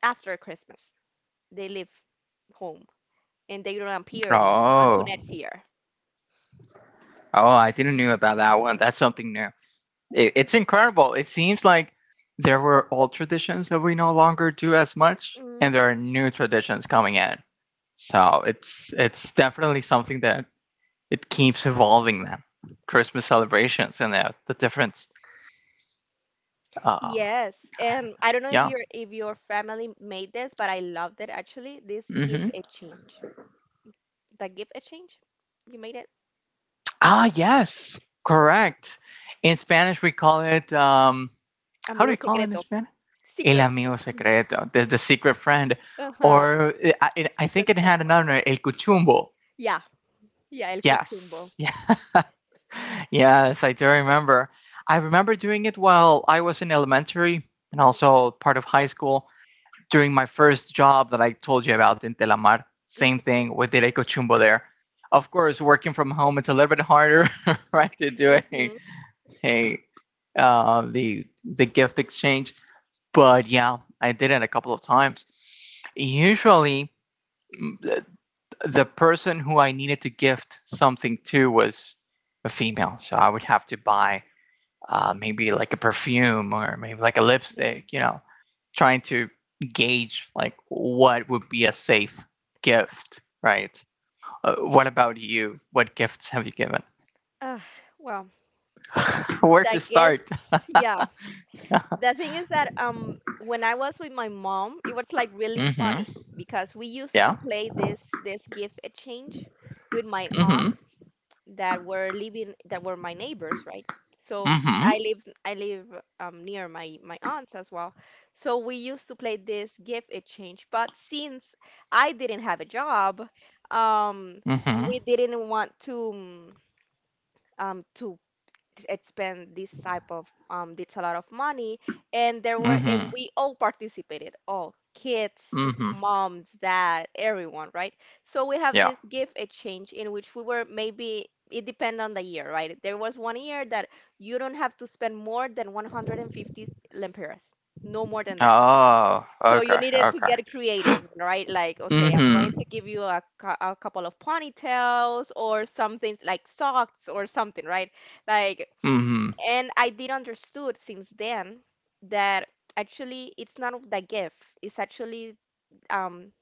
S2: after Christmas. They leave home and they don't appear anymore until
S1: Oh.
S2: next
S1: Oh,
S2: year.
S1: I didn't know about that one. That's something new. It's incredible. It seems like there were old traditions that we no longer do as much, and there are new traditions coming in. So it's definitely something that it keeps evolving. Then Christmas celebrations and the difference. Um,
S2: Yes, and I don't know
S1: yeah.
S2: if your family made this, but I loved it actually. This gift
S1: Hmm.
S2: exchange. The gift exchange? You made it?
S1: Ah, yes, correct. In Spanish, we call it. How do
S2: Amigo
S1: we call it in
S2: secreto.
S1: Spanish? El
S2: Secrets.
S1: amigo
S2: Mm.
S1: secreto, the secret friend,
S2: Uh-huh.
S1: or I think
S2: Secret
S1: it
S2: Santa.
S1: had another name, el cuchumbo.
S2: Yeah, yeah, el
S1: Yes.
S2: cuchumbo.
S1: Yeah. Yes, I do remember. I remember doing it while I was in elementary and also part of high school during my first job that I told you about in Telamar. Same
S2: Hmm.
S1: thing with Derecho Chumbo there. Of course, working from home, it's a little bit harder, right, to do
S2: Hmm.
S1: a the gift exchange. But yeah, I did it a couple of times. Usually, mm, the person who I needed to gift something to was a female, so I would have to buy maybe like a perfume or maybe like a
S2: Mm.
S1: lipstick. You know, trying to gauge like what would be a safe gift, right? What about you? What gifts have you given?
S2: Ah, well,
S1: Where
S2: the
S1: to start?
S2: gifts, yeah.
S1: Mm-hmm.
S2: The thing is that when I was with my mom, it was like really funny because we used to
S1: Yeah.
S2: play this gift exchange with my
S1: Mm-hmm.
S2: aunts that were living that were my neighbors, right? So
S1: Mm-hmm.
S2: I live near my my aunts as well. So we used to play this gift exchange, but since I didn't have a job, um
S1: Mm-hmm.
S2: we didn't want to it spend this type of it's a lot of money, and there were and
S1: Mm-hmm.
S2: we all participated, all kids,
S1: Mm-hmm.
S2: moms, dad, everyone, right? So we have
S1: Yeah.
S2: this gift exchange in which we were maybe it depend on the year, right? There was one year that you don't have to spend more than 150 lempiras, no more than that.
S1: Oh.
S2: So you
S1: Okay.
S2: needed to
S1: Okay.
S2: get creative, right? Like, okay, I'm going
S1: Mm-hmm.
S2: to give you a, a couple of ponytails or something, like socks or something, right? Like,
S1: Mm-hmm.
S2: and I did understood since then that actually it's not of the gift. It's actually um,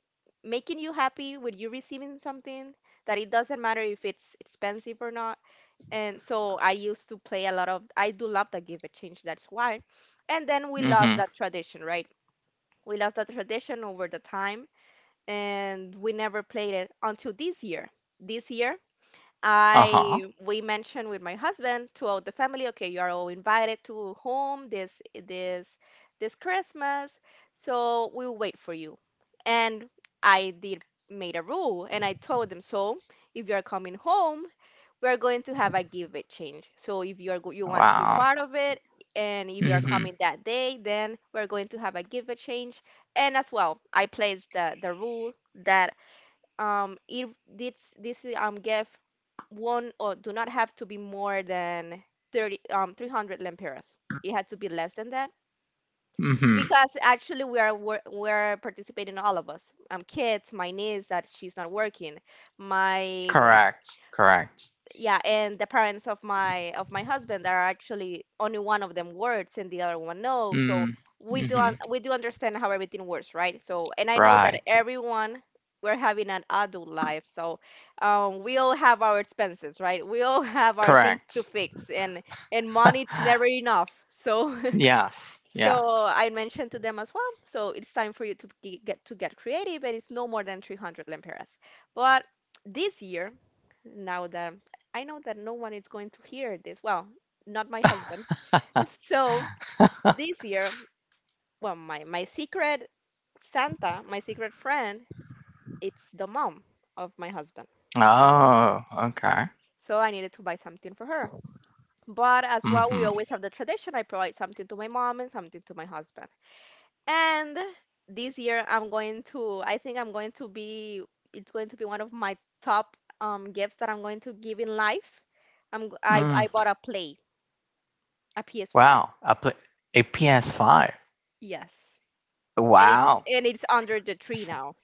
S2: making you happy with you receiving something that it doesn't matter if it's expensive or not. And so I used to play a lot of, I do love the give exchange, that's why. And then we lost
S1: Mm-hmm.
S2: that tradition, right? We lost that tradition over the time, and we never played it until this year. This year,
S1: Uh-huh.
S2: I we mentioned with my husband throughout the family, okay, you are all invited to home this this Christmas, so we'll wait for you. And I did made a rule and I told them, so if you are coming home, we are going to have a give exchange. So if you are you want to be
S1: Wow.
S2: part of it, and if you are
S1: Mm-hmm.
S2: coming that day, then we're going to have a give exchange. And as well, I placed the rule that if this gift won't or do not have to be more than 30 um 300 lempiras, it had to be less than that
S1: Mm-hmm.
S2: because actually we are we're participating, all of us, kids, my niece that she's not working, my
S1: Correct. Correct.
S2: yeah, and the parents of my husband are actually only one of them works and the other one no. So
S1: Mm.
S2: we
S1: Mm-hmm.
S2: we do understand how everything works, right? So and I know that
S1: Right.
S2: everyone, we're having an adult life, so we all have our expenses, right? We all have our things to
S1: Correct.
S2: fix, and money it's never enough. So
S1: Yes.
S2: so
S1: Yes.
S2: I mentioned to them as well. So it's time for you to get creative, and it's no more than 300 lempiras. But this year, now that I know that no one is going to hear this, well, not my husband. So this year, well, my secret Santa, my secret friend, it's the mom of my husband. Okay.
S1: Oh, okay.
S2: So I needed to buy something for her. But as well, we
S1: Mm-hmm.
S2: always have the tradition. I provide something to my mom and something to my husband. And this year I'm going to, I think I'm going to be, it's going to be one of my top gifts that I'm going to give in life.
S1: Mm.
S2: I bought a PS5.
S1: Wow. A, a PS5.
S2: Yes. And
S1: Wow.
S2: it's under the tree now.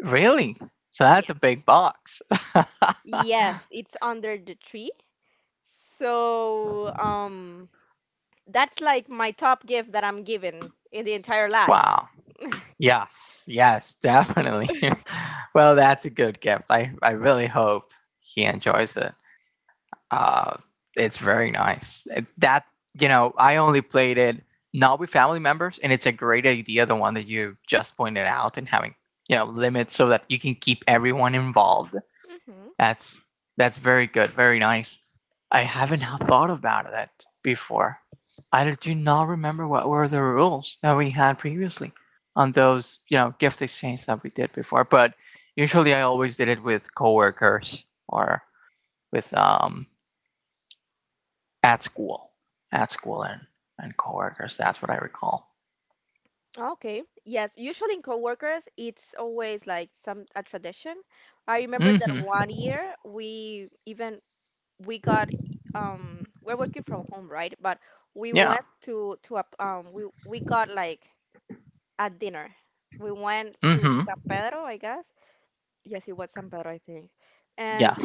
S1: Really? So that's a big
S2: Yes.
S1: box.
S2: Yes, it's under the tree. So, that's like my top gift that I'm given in the entire life.
S1: Wow. Yes. Yes, definitely. Well, that's a good gift. I really hope he enjoys it. Uh, it's very nice. That, you know, I only played it not with family members, and it's a great idea, the one that you just pointed out, and having, you know, limits so that you can keep everyone involved. That's that's very good, very nice. I haven't thought about that before. I do not remember what were the rules that we had previously on those, you know, gift exchange that we did before. But usually, I always did it with coworkers or with at school, at school and coworkers. That's what I recall.
S2: Okay. Yes, usually in coworkers, it's always like some a tradition. I remember that
S1: Mm-hmm.
S2: one year we even we got we're working from home, right? But we
S1: Yeah.
S2: went to a we got like a dinner. We went to
S1: Mm-hmm.
S2: San Pedro, I guess. Yes, it was San Pedro, I think.
S1: Yeah.
S2: And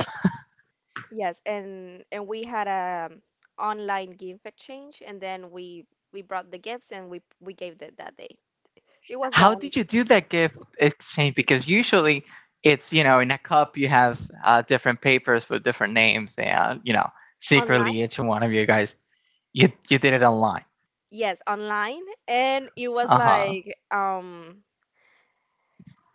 S2: yes, and we had a online gift exchange, and then we brought the gifts and we gave it that day. It was the
S1: How
S2: only
S1: did you do that gift exchange? Because usually it's, you know, in a cup you have different papers with different names and, you know,
S2: online.
S1: secretly each one of you guys, you did it online.
S2: Yes, online, and it was
S1: Uh-huh.
S2: like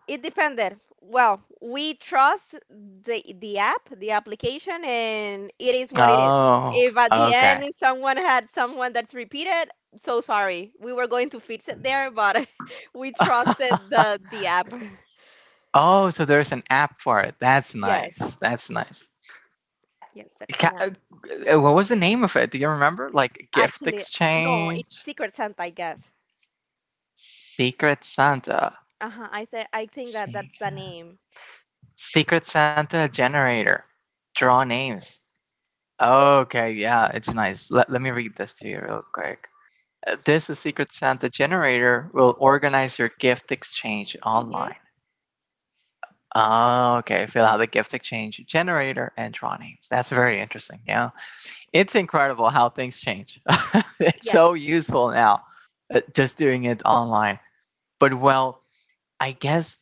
S2: it depended. Well, we trust the app, the application, and it is what it is.
S1: Oh,
S2: If at the end
S1: okay.
S2: someone had someone that's repeated, so sorry. We were going to fix it there, but we trusted the app.
S1: Oh, so there's an app for it. That's nice.
S2: Yes,
S1: That's nice.
S2: yes, that's an
S1: Ca-
S2: app.
S1: What was the name of it? Do you remember? Like gift
S2: Actually, no, it's
S1: exchange,
S2: Secret Santa, I guess.
S1: secret Santa,
S2: Uh-huh, I think that that's the name.
S1: Secret Santa generator, draw names. Okay, yeah, it's nice. Let me read this to you real quick. This is Secret Santa generator will organize your gift exchange
S2: Mm-hmm.
S1: online. Oh, okay, fill out the gift exchange generator and draw names. That's very interesting. Yeah, it's incredible how things change. It's
S2: Yes.
S1: so useful now, just doing it online. But well, I guess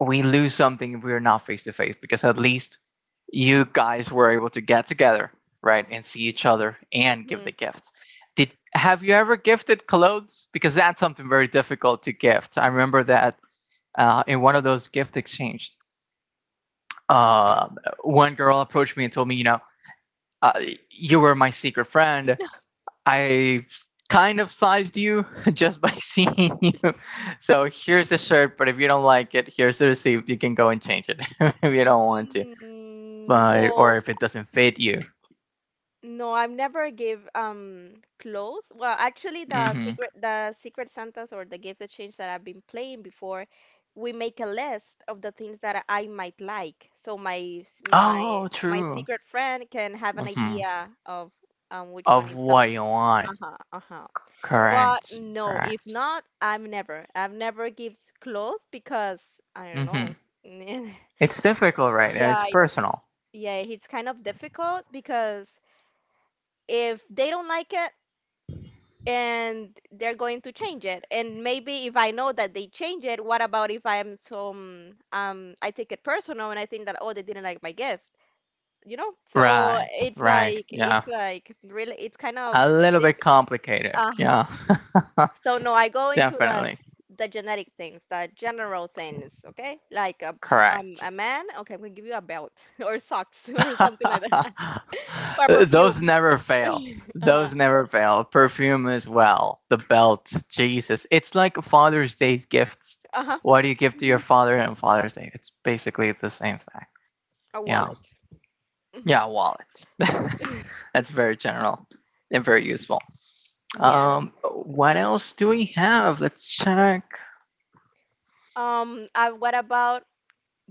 S1: we lose something if we are not face to face because at least you guys were able to get together, right, and see each other and give
S2: Mm-hmm.
S1: the gift. Did have you ever gifted clothes? Because that's something very difficult to gift. I remember that in one of those gift exchanges, uh, one girl approached me and told me, you know, uh, you were my secret friend. I kind of sized you just by seeing you. So here's the shirt, but if you don't like it, here's the receipt. You can go and change it if you don't want to,
S2: Mm,
S1: but or
S2: no,
S1: if it doesn't fit you.
S2: no, I've never give clothes. Well, actually,
S1: Hmm.
S2: the Secret Santas or the gift exchange that I've been playing before, we make a list of the things that I might like, so my
S1: Oh,
S2: my
S1: true.
S2: secret friend can have an
S1: Hmm.
S2: idea of which one
S1: Of
S2: is
S1: what
S2: something.
S1: you want.
S2: Uh-huh, uh-huh. But
S1: Correct.
S2: no, if
S1: Correct.
S2: not, I'm never. I've never gives clothes because I don't know.
S1: Hmm. It's difficult, right? And it's
S2: Yeah, it's
S1: personal.
S2: yeah, it's kind of difficult because if they don't like it and they're going to change it, and maybe if I know that they change it, what about if I am some I take it personal and I think that, oh, they didn't like my gift, you know? So
S1: Right. Right. Yeah.
S2: it's like really it's kind of
S1: A little bit
S2: difficult.
S1: complicated.
S2: Uh-huh.
S1: Yeah.
S2: So no, I go into
S1: Definitely.
S2: the genetic things, the general things, okay? Like
S1: Correct.
S2: a man, okay, I'm gonna give you a belt or socks or something like that. Or
S1: Those
S2: perfume.
S1: never fail.
S2: Uh-huh.
S1: Those never fail. Perfume as well. The belt. Jesus. It's like Father's Day's gifts.
S2: Uh-huh.
S1: What do you give to your father on Father's Day? It's basically the same thing.
S2: A
S1: Yeah.
S2: wallet.
S1: Yeah,
S2: Mhm.
S1: wallet. That's very general and very useful.
S2: Yes.
S1: What else do we have? Let's check.
S2: What about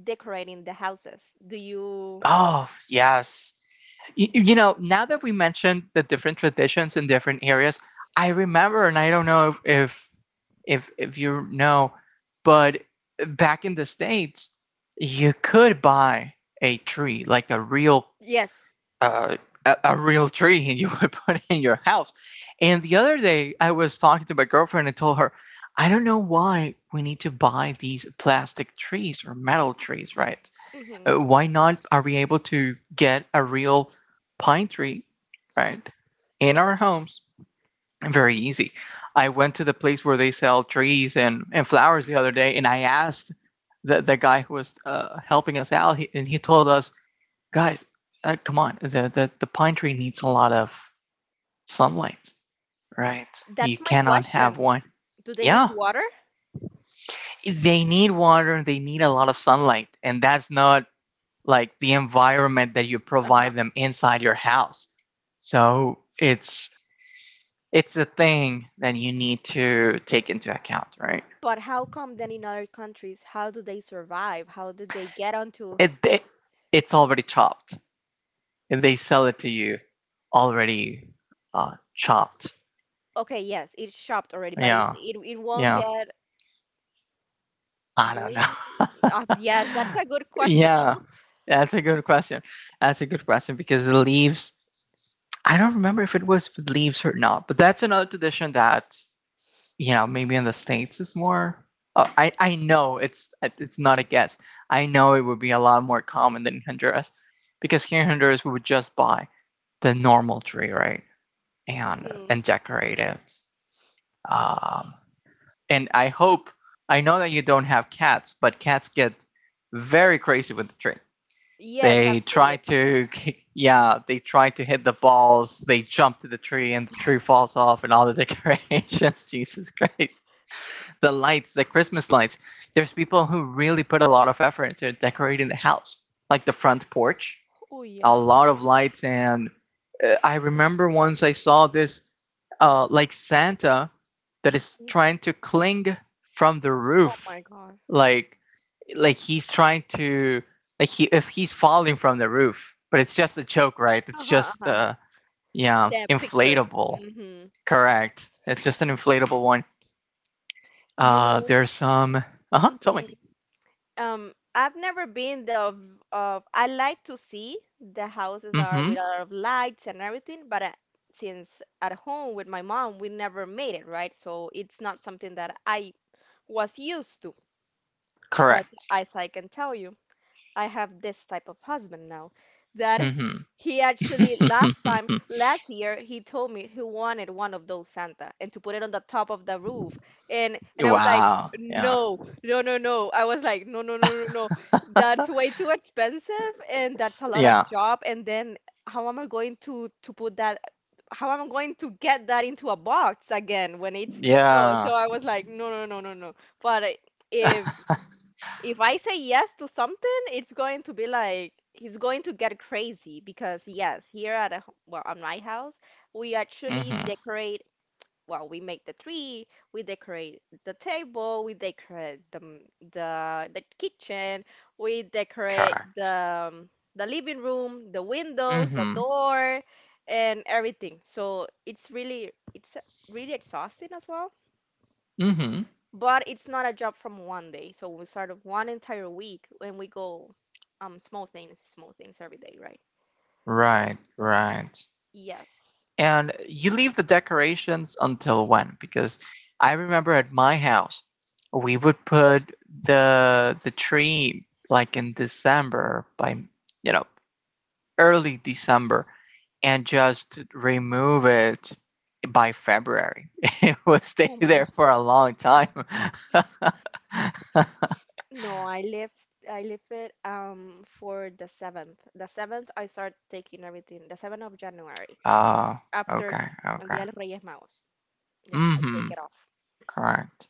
S2: decorating the houses? Do you?
S1: Oh, yes. You know, now that we mentioned the different traditions in different areas, I remember, and I don't know if you know. But back in the states, you could buy a tree, like
S2: Yes.
S1: uh, a real tree, and you would put it in your house. And the other day, I was talking to my girlfriend and told her, I don't know why we need to buy these plastic trees or metal trees, right?
S2: Hmm.
S1: Why not are we able to get a real pine tree, right, in our homes? Very easy. I went to the place where they sell trees and flowers the other day, and I asked the guy who was helping us out, he, and he told us, guys, come on, the pine tree needs a lot of sunlight, right? You
S2: That's my
S1: cannot have
S2: question.
S1: one.
S2: Do they need
S1: Yeah,
S2: water?
S1: they need water, they need a lot of sunlight, and that's not like the environment that you
S2: Uh-huh.
S1: provide them inside your house. So it's a thing that you need to take into account, right?
S2: But how come then in other countries, how do they survive? How do they get onto?
S1: It it's already chopped and they sell it to you already chopped.
S2: Okay, yes, it's shopped already, but
S1: Yeah.
S2: it won't
S1: Yeah.
S2: get
S1: I don't
S2: ruined.
S1: know.
S2: Yes, that's a good question, you
S1: Yeah,
S2: know?
S1: that's a good question. That's a good question because the leaves, I don't remember if it was with leaves or not, but that's another tradition that, you know, maybe in the states is more I know it's not a guess, I know it would be a lot more common than Honduras, because here in Honduras we would just buy the normal tree, right,
S2: Hmm.
S1: and decorative. Um, and I hope I know that you don't have cats, but cats get very crazy with the tree.
S2: Yes,
S1: They
S2: I've seen
S1: try
S2: it.
S1: to yeah, they try to hit the balls. They jump to the tree and the tree falls off and all the decorations. Jesus Christ. The lights, the Christmas lights. There's people who really put a lot of effort into decorating the house, like the front porch
S2: Oh
S1: a
S2: yes.
S1: lot of lights and I remember once I saw this like Santa that is
S2: Mhm.
S1: trying to cling from the
S2: Oh
S1: roof,
S2: my God.
S1: like like he's trying to, he if he's falling from the roof, but it's just a joke, right? It's
S2: Uh-huh,
S1: just
S2: uh-huh.
S1: yeah,
S2: The picture.
S1: inflatable.
S2: Mm-hmm.
S1: Correct, it's just an inflatable one.
S2: You know,
S1: There's some uh-huh, tell me.
S2: hmm, I've never been the of I like to see the houses are
S1: Mm-hmm.
S2: with a lot of lights and everything, but I, since at home with my mom, we never made it, right? So it's not something that I was used to. But
S1: Correct.
S2: as I can tell you, I have this type of husband now that
S1: Mm-hmm.
S2: he actually last time last year he told me he wanted one of those Santa and to put it on the top of the roof, and I was like
S1: Wow. Yeah.
S2: no no I was like no no, no, no that's way too expensive and that's a lot of
S1: Yeah.
S2: job, and then how am I going to put that, how am I going to get that into a box again when it's no,
S1: Yeah.
S2: so I was like no no, no, no, but if if I say yes to something, it's going to be like he's going to get crazy because yes, here at well, at my house, we actually
S1: Hmm.
S2: decorate. Well, we make the tree, we decorate the table, we decorate the the kitchen, we decorate the
S1: Correct.
S2: um, the living room, the windows, the
S1: Hmm.
S2: door, and everything. So it's really exhausting as well,
S1: Hmm.
S2: but it's not a job from one day. So we start of one entire week, and we go small things every day, right?
S1: Right,
S2: Because
S1: right.
S2: yes.
S1: And you leave the decorations until when? Because I remember at my house, we would put the tree like in December by, you know, early December and just remove it by February. It would stay
S2: Oh my God.
S1: there for a long time.
S2: No, I left it for the 7th. The 7th I start taking everything. The 7th of January,
S1: Oh,
S2: after
S1: okay,
S2: El Día
S1: okay.
S2: de los Reyes Magos. Yeah, I take
S1: Hmm.
S2: it off.
S1: Correct.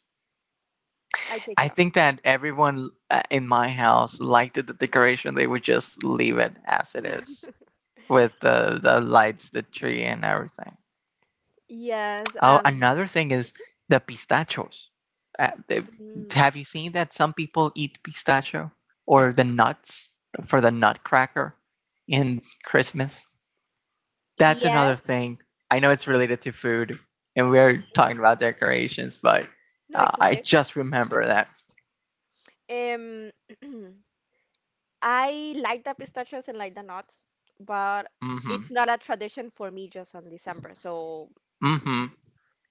S2: I take
S1: I
S2: it off.
S1: think that everyone in my house liked the decoration. They would just leave it as it is with the lights, the tree, and everything.
S2: Yes,
S1: Oh, another thing is the pistachios. Uh, they-
S2: mm,
S1: have you seen that some people eat pistachio or the nuts for the nutcracker in Christmas? That's another
S2: yes.
S1: thing. I know it's related to food, and we're talking about decorations, but
S2: No, it's
S1: I
S2: okay.
S1: just remember that.
S2: Um I like the pistachios and like the nuts, but
S1: Mm hmm.
S2: it's not a tradition for me just on December. So,
S1: Mm hmm.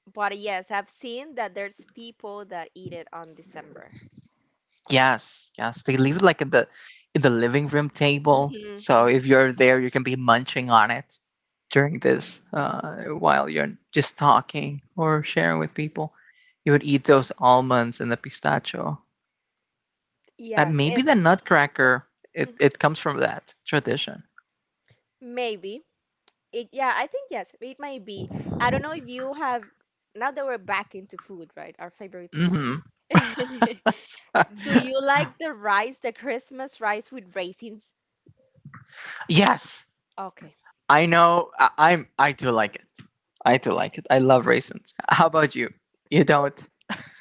S2: but yes, I've seen that there's people that eat it on December.
S1: Yes, yes. They leave it like in the living room table.
S2: Hmm
S1: So if
S2: hmm.
S1: you're there, you can be munching on it during this while you're just talking or sharing with people. You would eat those almonds and the pistachio.
S2: Yes, it
S1: Maybe the nutcracker. It
S2: mhm,
S1: it comes from that tradition.
S2: maybe. It, yeah, I think yes, it might be. I don't know if you have, now that we're back into food, right? Our favorite topic.
S1: Hmm.
S2: Do you like the rice, the Christmas rice with raisins?
S1: Yes,
S2: Okay.
S1: I know. I, I'm. I do like it. I do like it. I love raisins. How about you? You don't.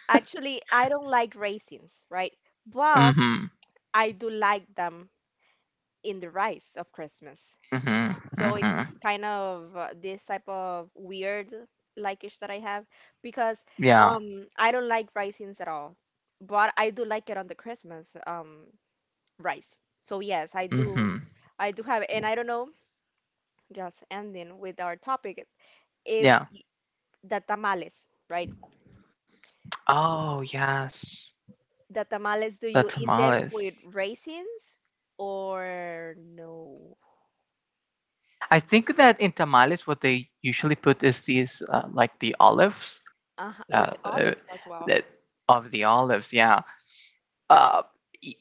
S2: Actually, I don't like raisins, right? But
S1: Hmm.
S2: I do like them in the rice of Christmas.
S1: Hmm.
S2: So it's
S1: Hmm.
S2: kind of this type of weird likeish that I have, because
S1: Yeah.
S2: I don't like raisins at all, but I do like it on the Christmas rice. So yes, I do
S1: Mhm.
S2: I do have. And I don't know, just ending with our topic, if
S1: Yeah.
S2: the tamales, right?
S1: Oh, yes.
S2: The tamales, do
S1: The
S2: you eat them
S1: tamales.
S2: with raisins or no?
S1: I think that in tamales, what they usually put is these, like the olives,
S2: Uh-huh, or
S1: uh,
S2: the
S1: uh,
S2: olives as well.
S1: that of the olives. Yeah. Uh, e-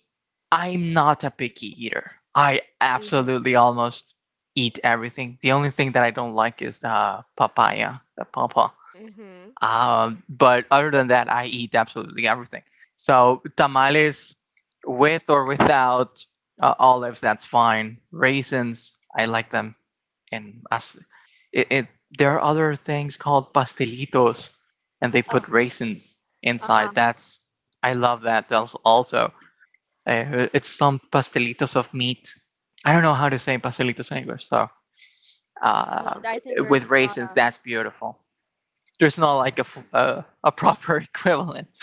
S1: I'm not a picky eater. I
S2: Mm-hmm.
S1: absolutely almost eat everything. The only thing that I don't like is the papaya, the pawpaw.
S2: Mm-hmm.
S1: But other than that, I eat absolutely everything. So tamales with or without olives, that's fine. Raisins, I like them. And as it, it, there are other things called pastelitos, and they put
S2: Oh,
S1: raisins inside.
S2: uh-huh.
S1: That's I love that. That's also it's some pastelitos of meat. I don't know how to say pastelitos in English, so
S2: No,
S1: uh,
S2: I think
S1: with
S2: there's not
S1: raisins,
S2: a.
S1: that's beautiful. There's not like a proper equivalent.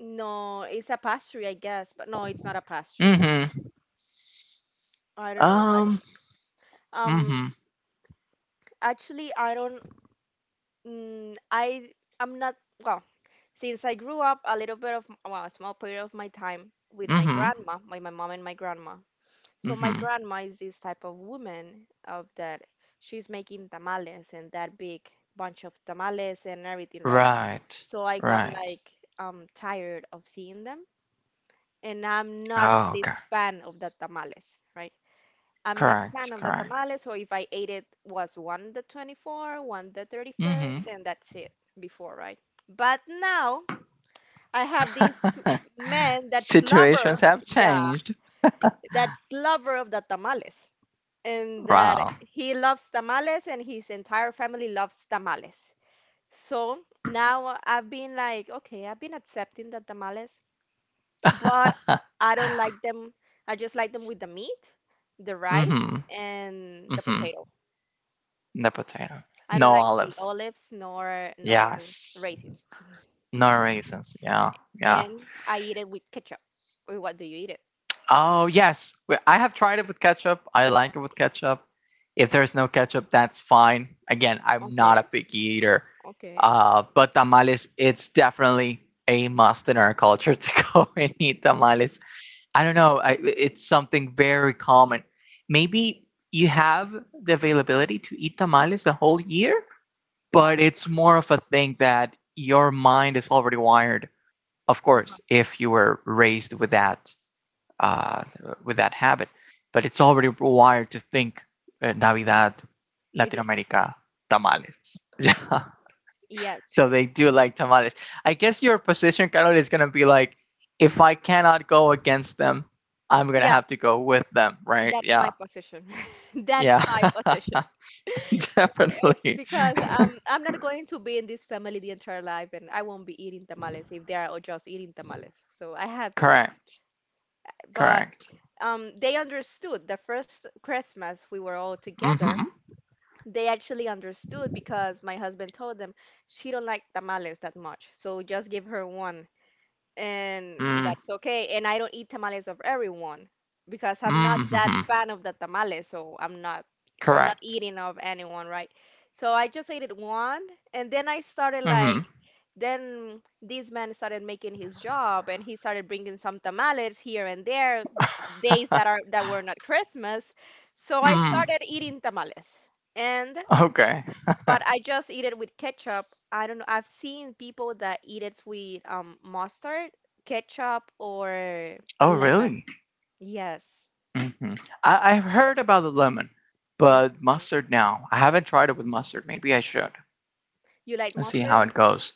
S2: No, it's a pastry, I guess, but no, it's not a pastry.
S1: Mm-hmm.
S2: I don't know,
S1: Um.
S2: actually. Um,
S1: Mm-hmm.
S2: Actually, I don't. Mm, I I'm not. Well, since I grew up, a little bit of, well, a small period of my time with my
S1: Mm-hmm.
S2: grandma, my mom and my grandma. So my
S1: Mm-hmm.
S2: grandma is this type of woman of that. She's making tamales and that big bunch of tamales and everything, right?
S1: Right.
S2: So I got
S1: Right.
S2: like tired of seeing them. And I'm not
S1: Oh, okay.
S2: this fan of the tamales, right? I'm not
S1: Correct.
S2: fan of the
S1: Correct.
S2: tamales, so if I ate it was one the 24th, one the
S1: Mm-hmm.
S2: 31st, and that's it before, right? But now I have this man that's lover,
S1: Situations have
S2: yeah,
S1: changed.
S2: that's lover of the tamales, and that
S1: Wow.
S2: he loves tamales and his entire family loves tamales. So now I've been like, okay, I've been accepting the tamales, but
S1: Mm-hmm.
S2: I don't like them. I just like them with the meat, the rice, and the
S1: Mm-hmm.
S2: potato.
S1: The potato.
S2: I
S1: No
S2: don't like the
S1: olives.
S2: olives nor no
S1: Yes.
S2: raisins.
S1: No raisins. Yeah. Yeah.
S2: And I eat it with ketchup. Or what do you eat it?
S1: Oh, yes. Well, I have tried it with ketchup. I like it with ketchup. If there's no ketchup, that's fine. Again, I'm not
S2: Okay,
S1: a picky eater.
S2: okay.
S1: But tamales, it's definitely a must in our culture to go and eat tamales. I don't know. It's something very common. Maybe you have the availability to eat tamales the whole year,
S2: Mm,
S1: but it's more of a thing that your mind is already wired. Of course, if you were raised uh, with that habit. But it's already wired to think Navidad,
S2: It
S1: Latin
S2: is.
S1: America, tamales. Yeah.
S2: Yes.
S1: So they do like tamales. I guess your position, Carol, is going to be like, if I cannot go against them, I'm going to
S2: Yeah,
S1: have to go with them, right?
S2: that's my
S1: Yeah.
S2: position. That's
S1: Yeah.
S2: my position. It's
S1: Definitely.
S2: because I'm not going to be in this family the entire life, and I won't be eating tamales if they are all just eating tamales. So I have to.
S1: Correct.
S2: But
S1: Correct.
S2: they understood the first Christmas we were all together.
S1: Mm-hmm.
S2: They actually understood because my husband told them she don't like tamales that much, so just give her one, and
S1: Mm.
S2: that's okay. And I don't eat tamales of everyone because I'm not that
S1: Mm-hmm.
S2: fan of the tamales, so I'm not
S1: Correct.
S2: eating of anyone, right? So I just ate it one, and then I started like
S1: Mm-hmm.
S2: then this man started making his job, and he started bringing some tamales here and there, days that were not Christmas. So I started
S1: Mm.
S2: eating tamales, and
S1: Okay.
S2: but I just eat it with ketchup. I don't know. I've seen people that eat it with mustard, ketchup, or
S1: Oh,
S2: lemon.
S1: really?
S2: Yes.
S1: Mhm. I, I've heard about the lemon, but
S2: Hmm.
S1: mustard now. I haven't tried it with mustard. Maybe I should
S2: You like
S1: let's see
S2: mustard?
S1: how it goes.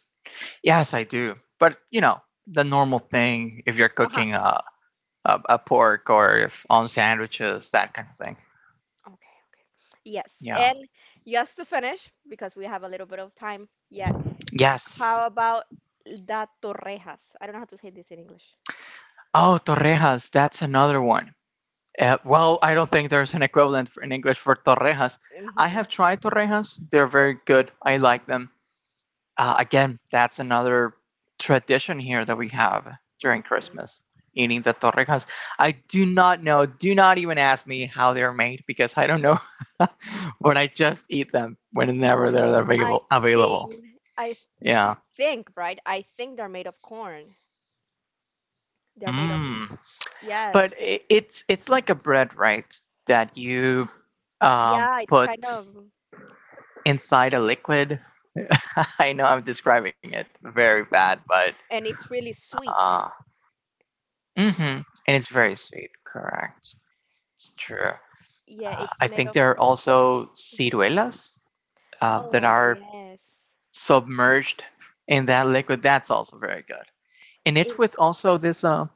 S1: Yes, I do. But you know, the normal thing if you're cooking
S2: Uh-huh.
S1: a pork or if on sandwiches, that kind of thing.
S2: Okay, okay. Yes.
S1: Yeah.
S2: And just to finish, because we have a little bit of time yet,
S1: Yes.
S2: how about the torrejas? I don't know how to say this in English.
S1: Oh, torrejas. That's another one. Well, I don't think there's an equivalent for, in English for torrejas. I
S2: Hmm
S1: have tried torrejas. They're very good. I like them. Uh, again, that's another tradition here that we have during
S2: hmm.
S1: Christmas, eating the torrijas. I do not know, do not even ask me how they're made because I don't know, but I just eat them whenever they're
S2: I
S1: available.
S2: think, I
S1: Yeah.
S2: think, right? I think they're made of corn. They're made of,
S1: Mm. But
S2: yes.
S1: it, it's like a bread, right? That you
S2: Yeah, it's kind
S1: put
S2: of,
S1: inside a liquid. I know I'm describing it very bad, but
S2: and it's really
S1: uh,
S2: sweet.
S1: mm-hmm. And it's very sweet. Correct. It's true.
S2: Yeah, it's
S1: I
S2: made
S1: think
S2: of.
S1: there are also
S2: Mhm.
S1: ciruelas that
S2: Oh,
S1: are
S2: yes.
S1: submerged in that liquid. That's also very good. And it's
S2: It,
S1: with also this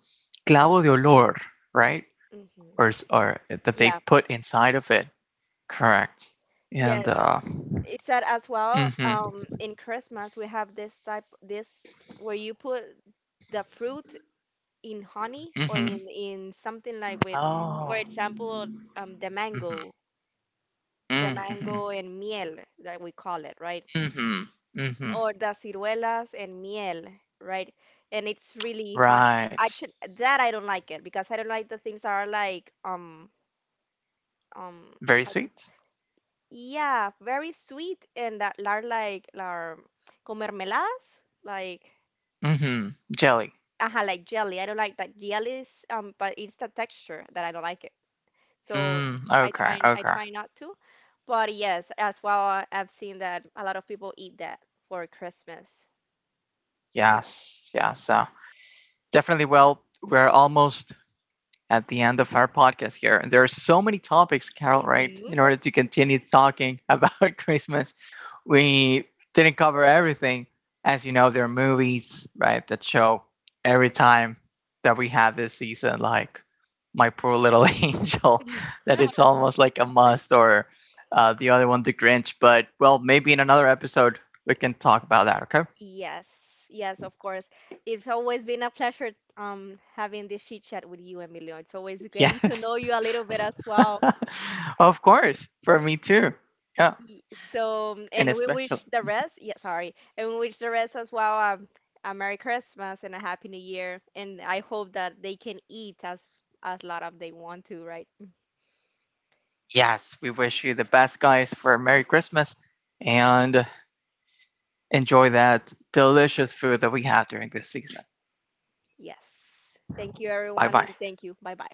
S1: clavo de olor, right?
S2: mhm.
S1: Or that they
S2: Yeah,
S1: put inside of it. Correct. And
S2: yes. It's that as well.
S1: mm-hmm,
S2: In Christmas, we have this type, this where you put the fruit in honey or
S1: mm-hmm.
S2: in something like with, for
S1: Oh,
S2: example, um, the mango, the
S1: mm-hmm, mm-hmm,
S2: mango, and miel that we call it, right?
S1: mm-hmm, mm-hmm.
S2: Or the ciruelas and miel, right? And it's really honey. I
S1: Right.
S2: should, that I don't like it because I don't like the things that are like um
S1: Very
S2: how do-
S1: sweet.
S2: yeah, very sweet, and that are like are comermeladas, like
S1: Mm-hmm. Jelly.
S2: aha, like jelly. I don't like that jelly is but it's the texture that I don't like it. So
S1: Mm, okay,
S2: I
S1: okay.
S2: try not to. But yes, as well, I've seen that a lot of people eat that for Christmas here.
S1: Yes, yes. Definitely. Well, we're almost at the end of our podcast here, and there are so many topics, Carol. Right?
S2: Hmm.
S1: In order to continue talking about Christmas, we didn't cover everything. As you know, there are movies, right, that show every time that we have this season, like My Poor Little Angel, that it's almost like a must, or the other one, The Grinch. But well, maybe in another episode we can talk about that. Okay.
S2: Yes, yes, of course. It's always been a pleasure having this chit chat with you, Emilio. It's always great to
S1: Yes.
S2: know you a little bit as well.
S1: Of course, for me too. Yeah,
S2: Y- So,
S1: and
S2: and we
S1: especially,
S2: wish the rest, yeah, sorry, and we wish the rest as well, a Merry Christmas and a Happy New Year. And I hope that they can eat as lot of they want to, right?
S1: yes, we wish you the best, guys, for Merry Christmas and enjoy that delicious food that we have during this season.
S2: Yes. Thank you,
S1: Bye
S2: everyone, and
S1: bye.
S2: thank you. Bye bye.